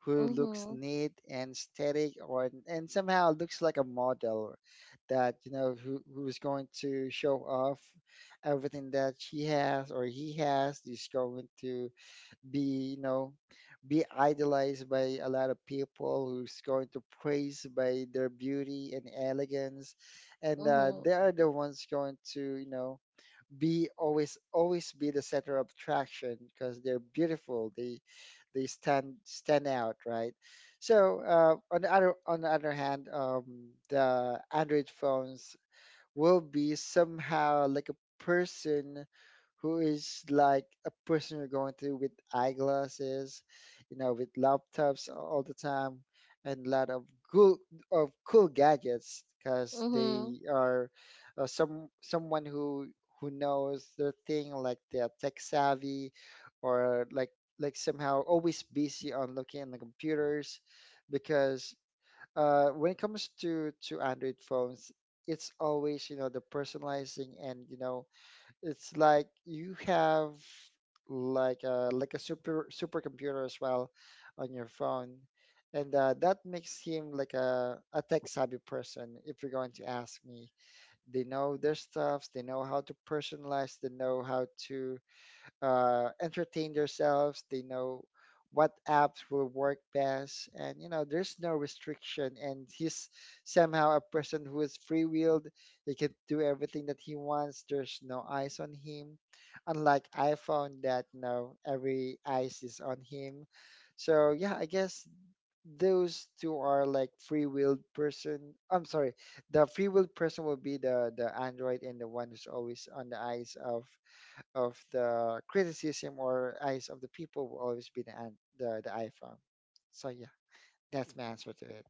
Speaker 3: who looks
Speaker 1: Mhm.
Speaker 3: neat and static, or and somehow looks like a model that you know who who's going to show off everything that she has or he has. He's going to be you know be idolized by a lot of people who's going to praise by their beauty and elegance and
Speaker 1: Mhm.
Speaker 3: they are the ones going to you know be always be the center of attraction because they're beautiful they stand stand out right so on the other hand the android phones will be somehow like a person who is like a person you're going to with eyeglasses, you know, with laptops all the time, and a lot cool of cool gadgets because
Speaker 1: Mhm.
Speaker 3: they are someone who knows their thing, like they're tech savvy, or like somehow always busy on looking at the computers because when it comes to Android phones, it's always you know the personalizing and you know it's like you have like a super supercomputer as well on your phone, and that makes him like a tech savvy person. If you're going to ask me, they know their stuffs, they know how to personalize, they know how to entertain themselves. They know what apps will work best, and you know there's no restriction. And he's somehow a person who is free-willed. He can do everything that he wants. There's no eyes on him, unlike iPhone that you know every eyes is on him. So yeah, I guess those two are like free-willed person. I'm sorry, the free-willed person will be the Android and the one who's always on the eyes of the criticism or eyes of the people will always be the iPhone. So yeah, that's my answer to it.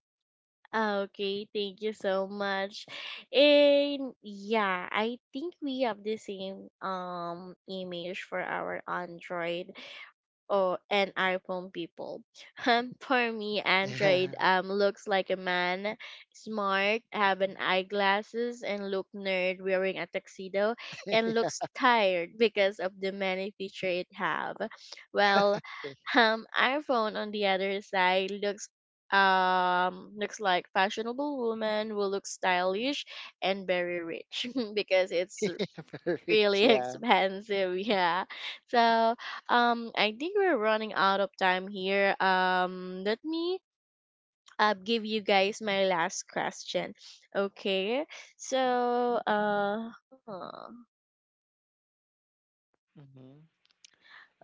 Speaker 1: Okay, thank you so much. And yeah, I think we have the same image for our Android or and iPhone people. For me, Android looks like a man, smart, have an eyeglasses, and look nerd wearing a tuxedo, and
Speaker 3: Yeah,
Speaker 1: looks tired because of the many feature it have. Well,
Speaker 3: okay.
Speaker 1: iPhone on the other side looks looks like fashionable woman who looks stylish and very rich because it's
Speaker 3: Very rich.
Speaker 1: really
Speaker 3: Yeah.
Speaker 1: expensive, yeah. So I think we're running out of time here. Um, let me, give you guys my last question. Okay, so uh, huh,
Speaker 3: Hmm.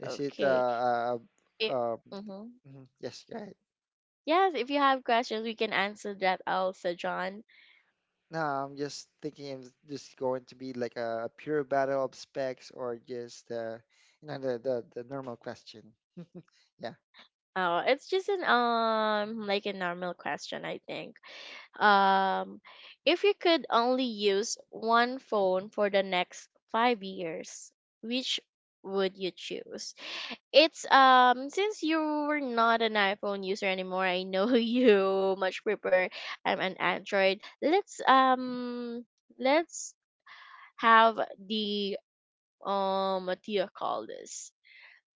Speaker 3: Is it
Speaker 1: okay.
Speaker 3: uh
Speaker 1: It...
Speaker 3: uh
Speaker 1: mm-hmm.
Speaker 3: mhm, yes, go ahead.
Speaker 1: Yes, if you have questions we can answer that also, John.
Speaker 3: No, I'm just thinking it's just going to be like a pure battle of specs or just you know the normal question. Yeah.
Speaker 1: It's just an like a normal question, I think. Um, if you could only use one phone for the next 5 years, which would you choose? It's since you are not an iPhone user anymore, I know you much prefer, an Android. Let's um... let's have the, what do you call this?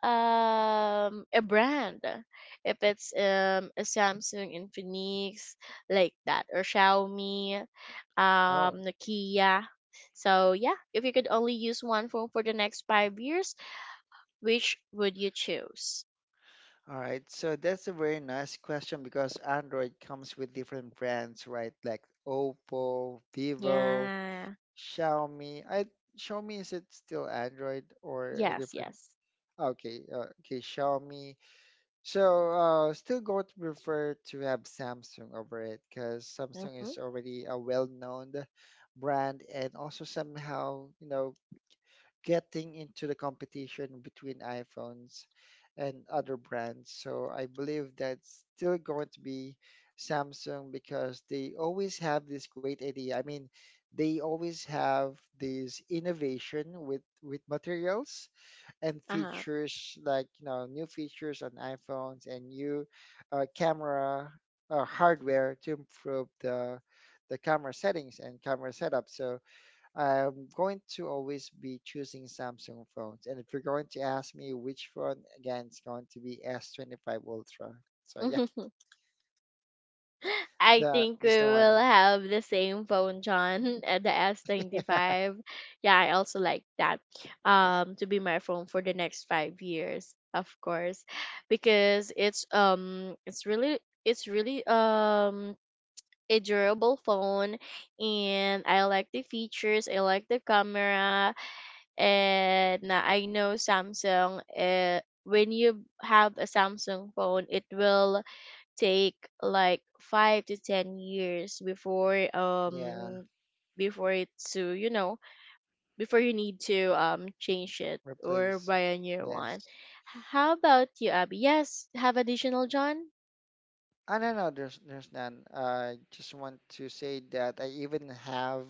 Speaker 1: A brand if it's a Samsung Infinix like that or Xiaomi
Speaker 3: Oh.
Speaker 1: Nokia. So yeah, if you could only use one phone for the next 5 years, which would you choose?
Speaker 3: All right, so that's a very nice question because Android comes with different brands, right? Like Oppo, Vivo,
Speaker 1: Yeah.
Speaker 3: Xiaomi. I Xiaomi is it still Android or a
Speaker 1: Yes,
Speaker 3: different?
Speaker 1: yes.
Speaker 3: Okay, okay, Xiaomi. So still going to prefer to have Samsung over it because Samsung
Speaker 1: Mhm.
Speaker 3: is already a well-known brand and also somehow you know getting into the competition between iPhones and other brands. So I believe that's still going to be Samsung because they always have this great idea. I mean, they always have this innovation with materials and
Speaker 1: Uh-huh.
Speaker 3: features like you know new features on iPhones and new camera hardware to improve the camera settings and camera setup. So I'm going to always be choosing Samsung phones. And if you're going to ask me which phone, again, it's going to be S25 Ultra. So yeah,
Speaker 1: I
Speaker 3: the
Speaker 1: think we
Speaker 3: just the
Speaker 1: will
Speaker 3: one.
Speaker 1: have the same phone, John, at the S25. Yeah, I also like that to be my phone for the next 5 years, of course, because it's it's really a durable phone, and I like the features, I like the camera. And I know Samsung, when you have a Samsung phone, it will take like 5 to 10 years before
Speaker 3: Yeah,
Speaker 1: before it to you know before you need to change it or
Speaker 3: replace.
Speaker 1: buy a new one.
Speaker 3: Yes.
Speaker 1: How about you, Abby? Yes, have additional, John.
Speaker 3: I don't know. There's none. I just want to say that I even have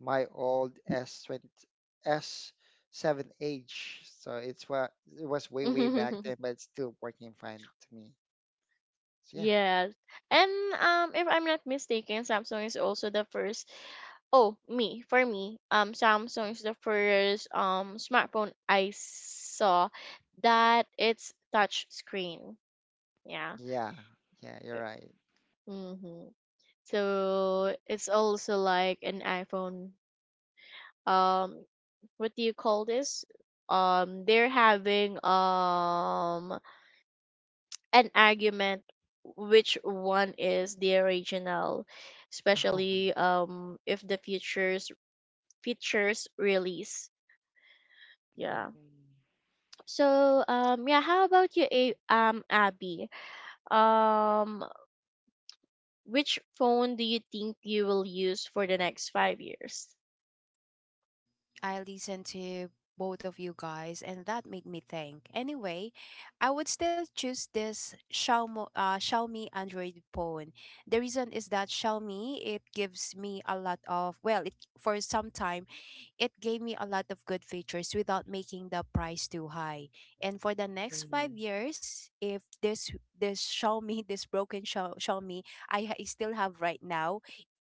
Speaker 3: my old S20 S7H. So it's what it was way way back then, but it's still working fine to me. So yeah,
Speaker 1: Yes, and if I'm not mistaken, Samsung is also the first. For me, Samsung is the first smartphone I saw that it's touch screen. Yeah.
Speaker 3: yeah, yeah. You're right.
Speaker 1: Mm-hmm. So it's also like an iPhone. Um, what do you call this? They're having an argument which one is the original,
Speaker 3: Oh.
Speaker 1: especially if the features release. Yeah.
Speaker 3: Mm.
Speaker 1: So yeah, how about you, Abby? Um, which phone do you think you will use for the next 5 years?
Speaker 2: I listened to both of you guys, and that made me think. Anyway, I would still choose this Xiaomi, Xiaomi Android phone. The reason is that Xiaomi, it gives me a lot of, well, it for some time, it gave me a lot of good features without making the price too high. And for the next five
Speaker 3: Mhm.
Speaker 2: years, if this Xiaomi, this Xiaomi I I still have right now,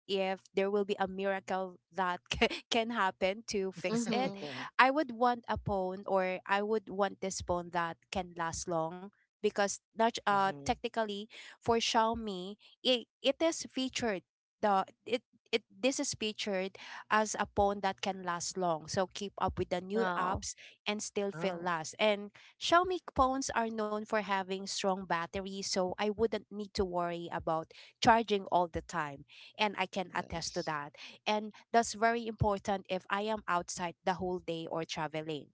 Speaker 2: if there will be a miracle that can happen to fix it,
Speaker 1: Mm-hmm.
Speaker 2: I would want a phone, or I would want this phone that can last long, because not
Speaker 3: Mhm.
Speaker 2: technically for Xiaomi, it is featured, the it it this is featured as a phone that can last long, so keep up with the new
Speaker 1: Wow.
Speaker 2: apps and still feel
Speaker 3: Oh,
Speaker 2: last. And Xiaomi phones are known for having strong batteries, so I wouldn't need to worry about charging all the time, and I can attest to
Speaker 3: nice.
Speaker 2: that. And that's very important if I am outside the whole day or traveling.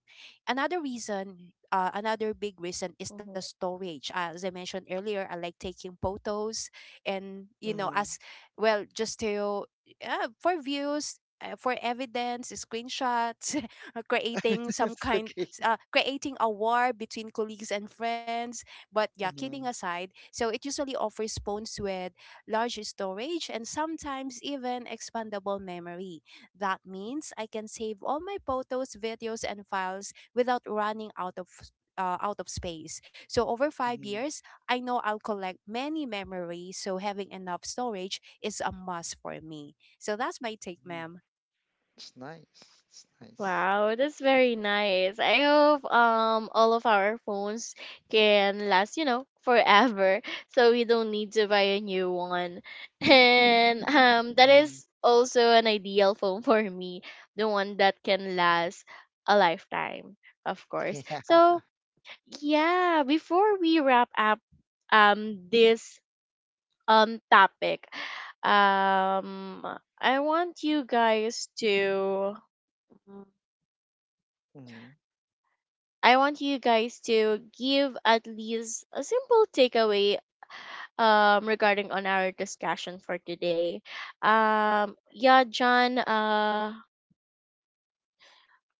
Speaker 2: Another reason, another big reason is the
Speaker 1: Mhm.
Speaker 2: storage. As I mentioned earlier, I like taking photos and, you know,
Speaker 3: Mhm.
Speaker 2: as well, just to, for views. For evidence, screenshots, creating some
Speaker 3: It's
Speaker 2: kind,
Speaker 3: okay.
Speaker 2: creating a war between colleagues and friends. But yeah, kidding
Speaker 3: Mhm.
Speaker 2: aside, so it usually offers phones with large storage, and sometimes even expandable memory. That means I can save all my photos, videos, and files without running out of out of space. So over five
Speaker 3: Mhm.
Speaker 2: years, I know I'll collect many memories. So having enough storage is a must for me. So that's my take,
Speaker 3: Mhm.
Speaker 2: ma'am.
Speaker 3: It's nice. It's nice.
Speaker 1: Wow, that's very nice. I hope all of our phones can last, you know, forever. So we don't need to buy a new one. And that
Speaker 3: Mhm.
Speaker 1: is also an ideal phone for me, the one that can last a lifetime, of course.
Speaker 3: Yeah.
Speaker 1: So yeah, before we wrap up this topic, um I want you guys to Mm.
Speaker 3: Mhm.
Speaker 1: I want you guys to give at least a simple takeaway regarding on our discussion for today. Yeah, John,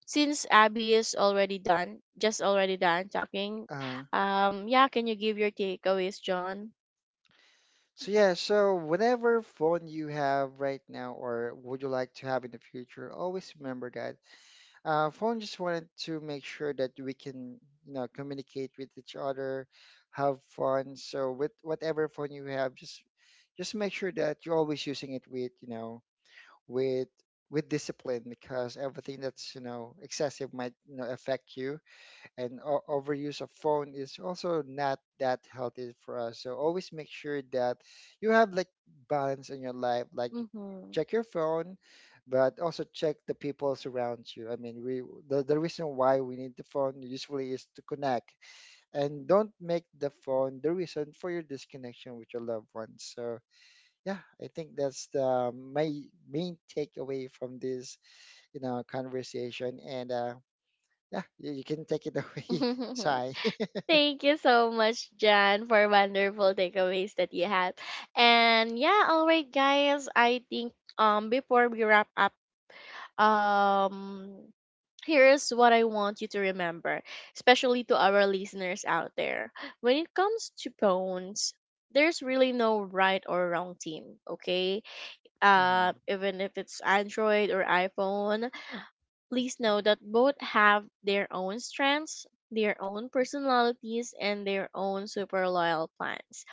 Speaker 1: since Abby is already done, just already done talking,
Speaker 3: Uh,
Speaker 1: yeah, can you give your takeaways, John?
Speaker 3: so yeah, so whatever phone you have right now or would you like to have in the future, always remember that phone just wanted to make sure that we can, you know, communicate with each other, have fun. So with whatever phone you have, just make sure that you're always using it with, you know, with with discipline because everything that's, you know, excessive might, you know, affect you and overuse of phone is also not that healthy for us. So always make sure that you have like balance in your life, like you
Speaker 1: Mm-hmm.
Speaker 3: check your phone, but also check the people around you. I mean, we the reason why we need the phone usually is to connect and don't make the phone the reason for your disconnection with your loved ones. So yeah, I think that's the my main takeaway from this you know conversation, and yeah, you can take it away, Sai.
Speaker 1: Thank you so much, Jan, for wonderful takeaways that you had. And yeah, all right, guys. I think before we wrap up, um here's what I want you to remember, especially to our listeners out there. When it comes to phones, there's really no right or wrong team, okay?
Speaker 3: Mhm.
Speaker 1: Even if it's Android or iPhone, please know that both have their own strengths, their own personalities, and their own super loyal plans.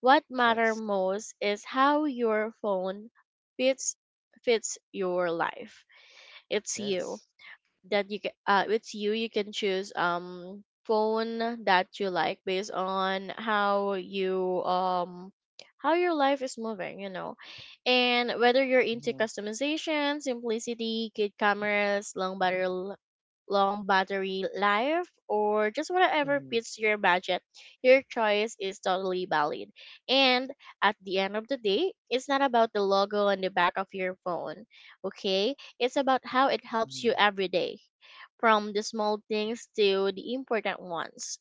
Speaker 1: What matter
Speaker 3: Yes,
Speaker 1: most is how your phone fits fits your life. It's you
Speaker 3: yes,
Speaker 1: that you can, it's you can choose phone that you like based on how you how your life is moving, you know. And whether you're into
Speaker 3: mhm.
Speaker 1: customization, simplicity, good cameras, long battery life, or just whatever
Speaker 3: Mhm.
Speaker 1: fits your budget, your choice is totally valid. And at the end of the day, it's not about the logo on the back of your phone, okay? It's about how it helps you
Speaker 3: Mhm.
Speaker 1: every day, from the small things to the important ones.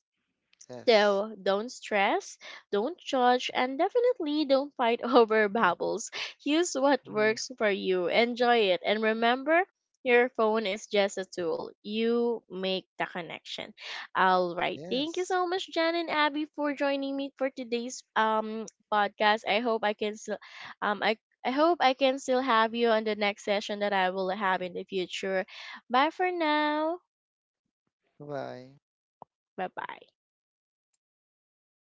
Speaker 3: Yes,
Speaker 1: So don't stress, don't judge, and definitely don't fight over bubbles. Use what
Speaker 3: mhm.
Speaker 1: works for you, enjoy it, and remember your phone is just a tool. You make the connection. All right. Thank you
Speaker 3: Yes.
Speaker 1: so much, Jan and Abby, for joining me for today's podcast. I hope I can still um I I hope I can still have you on the next session that I will have in the future. Bye for now.
Speaker 3: Bye.
Speaker 1: Bye bye.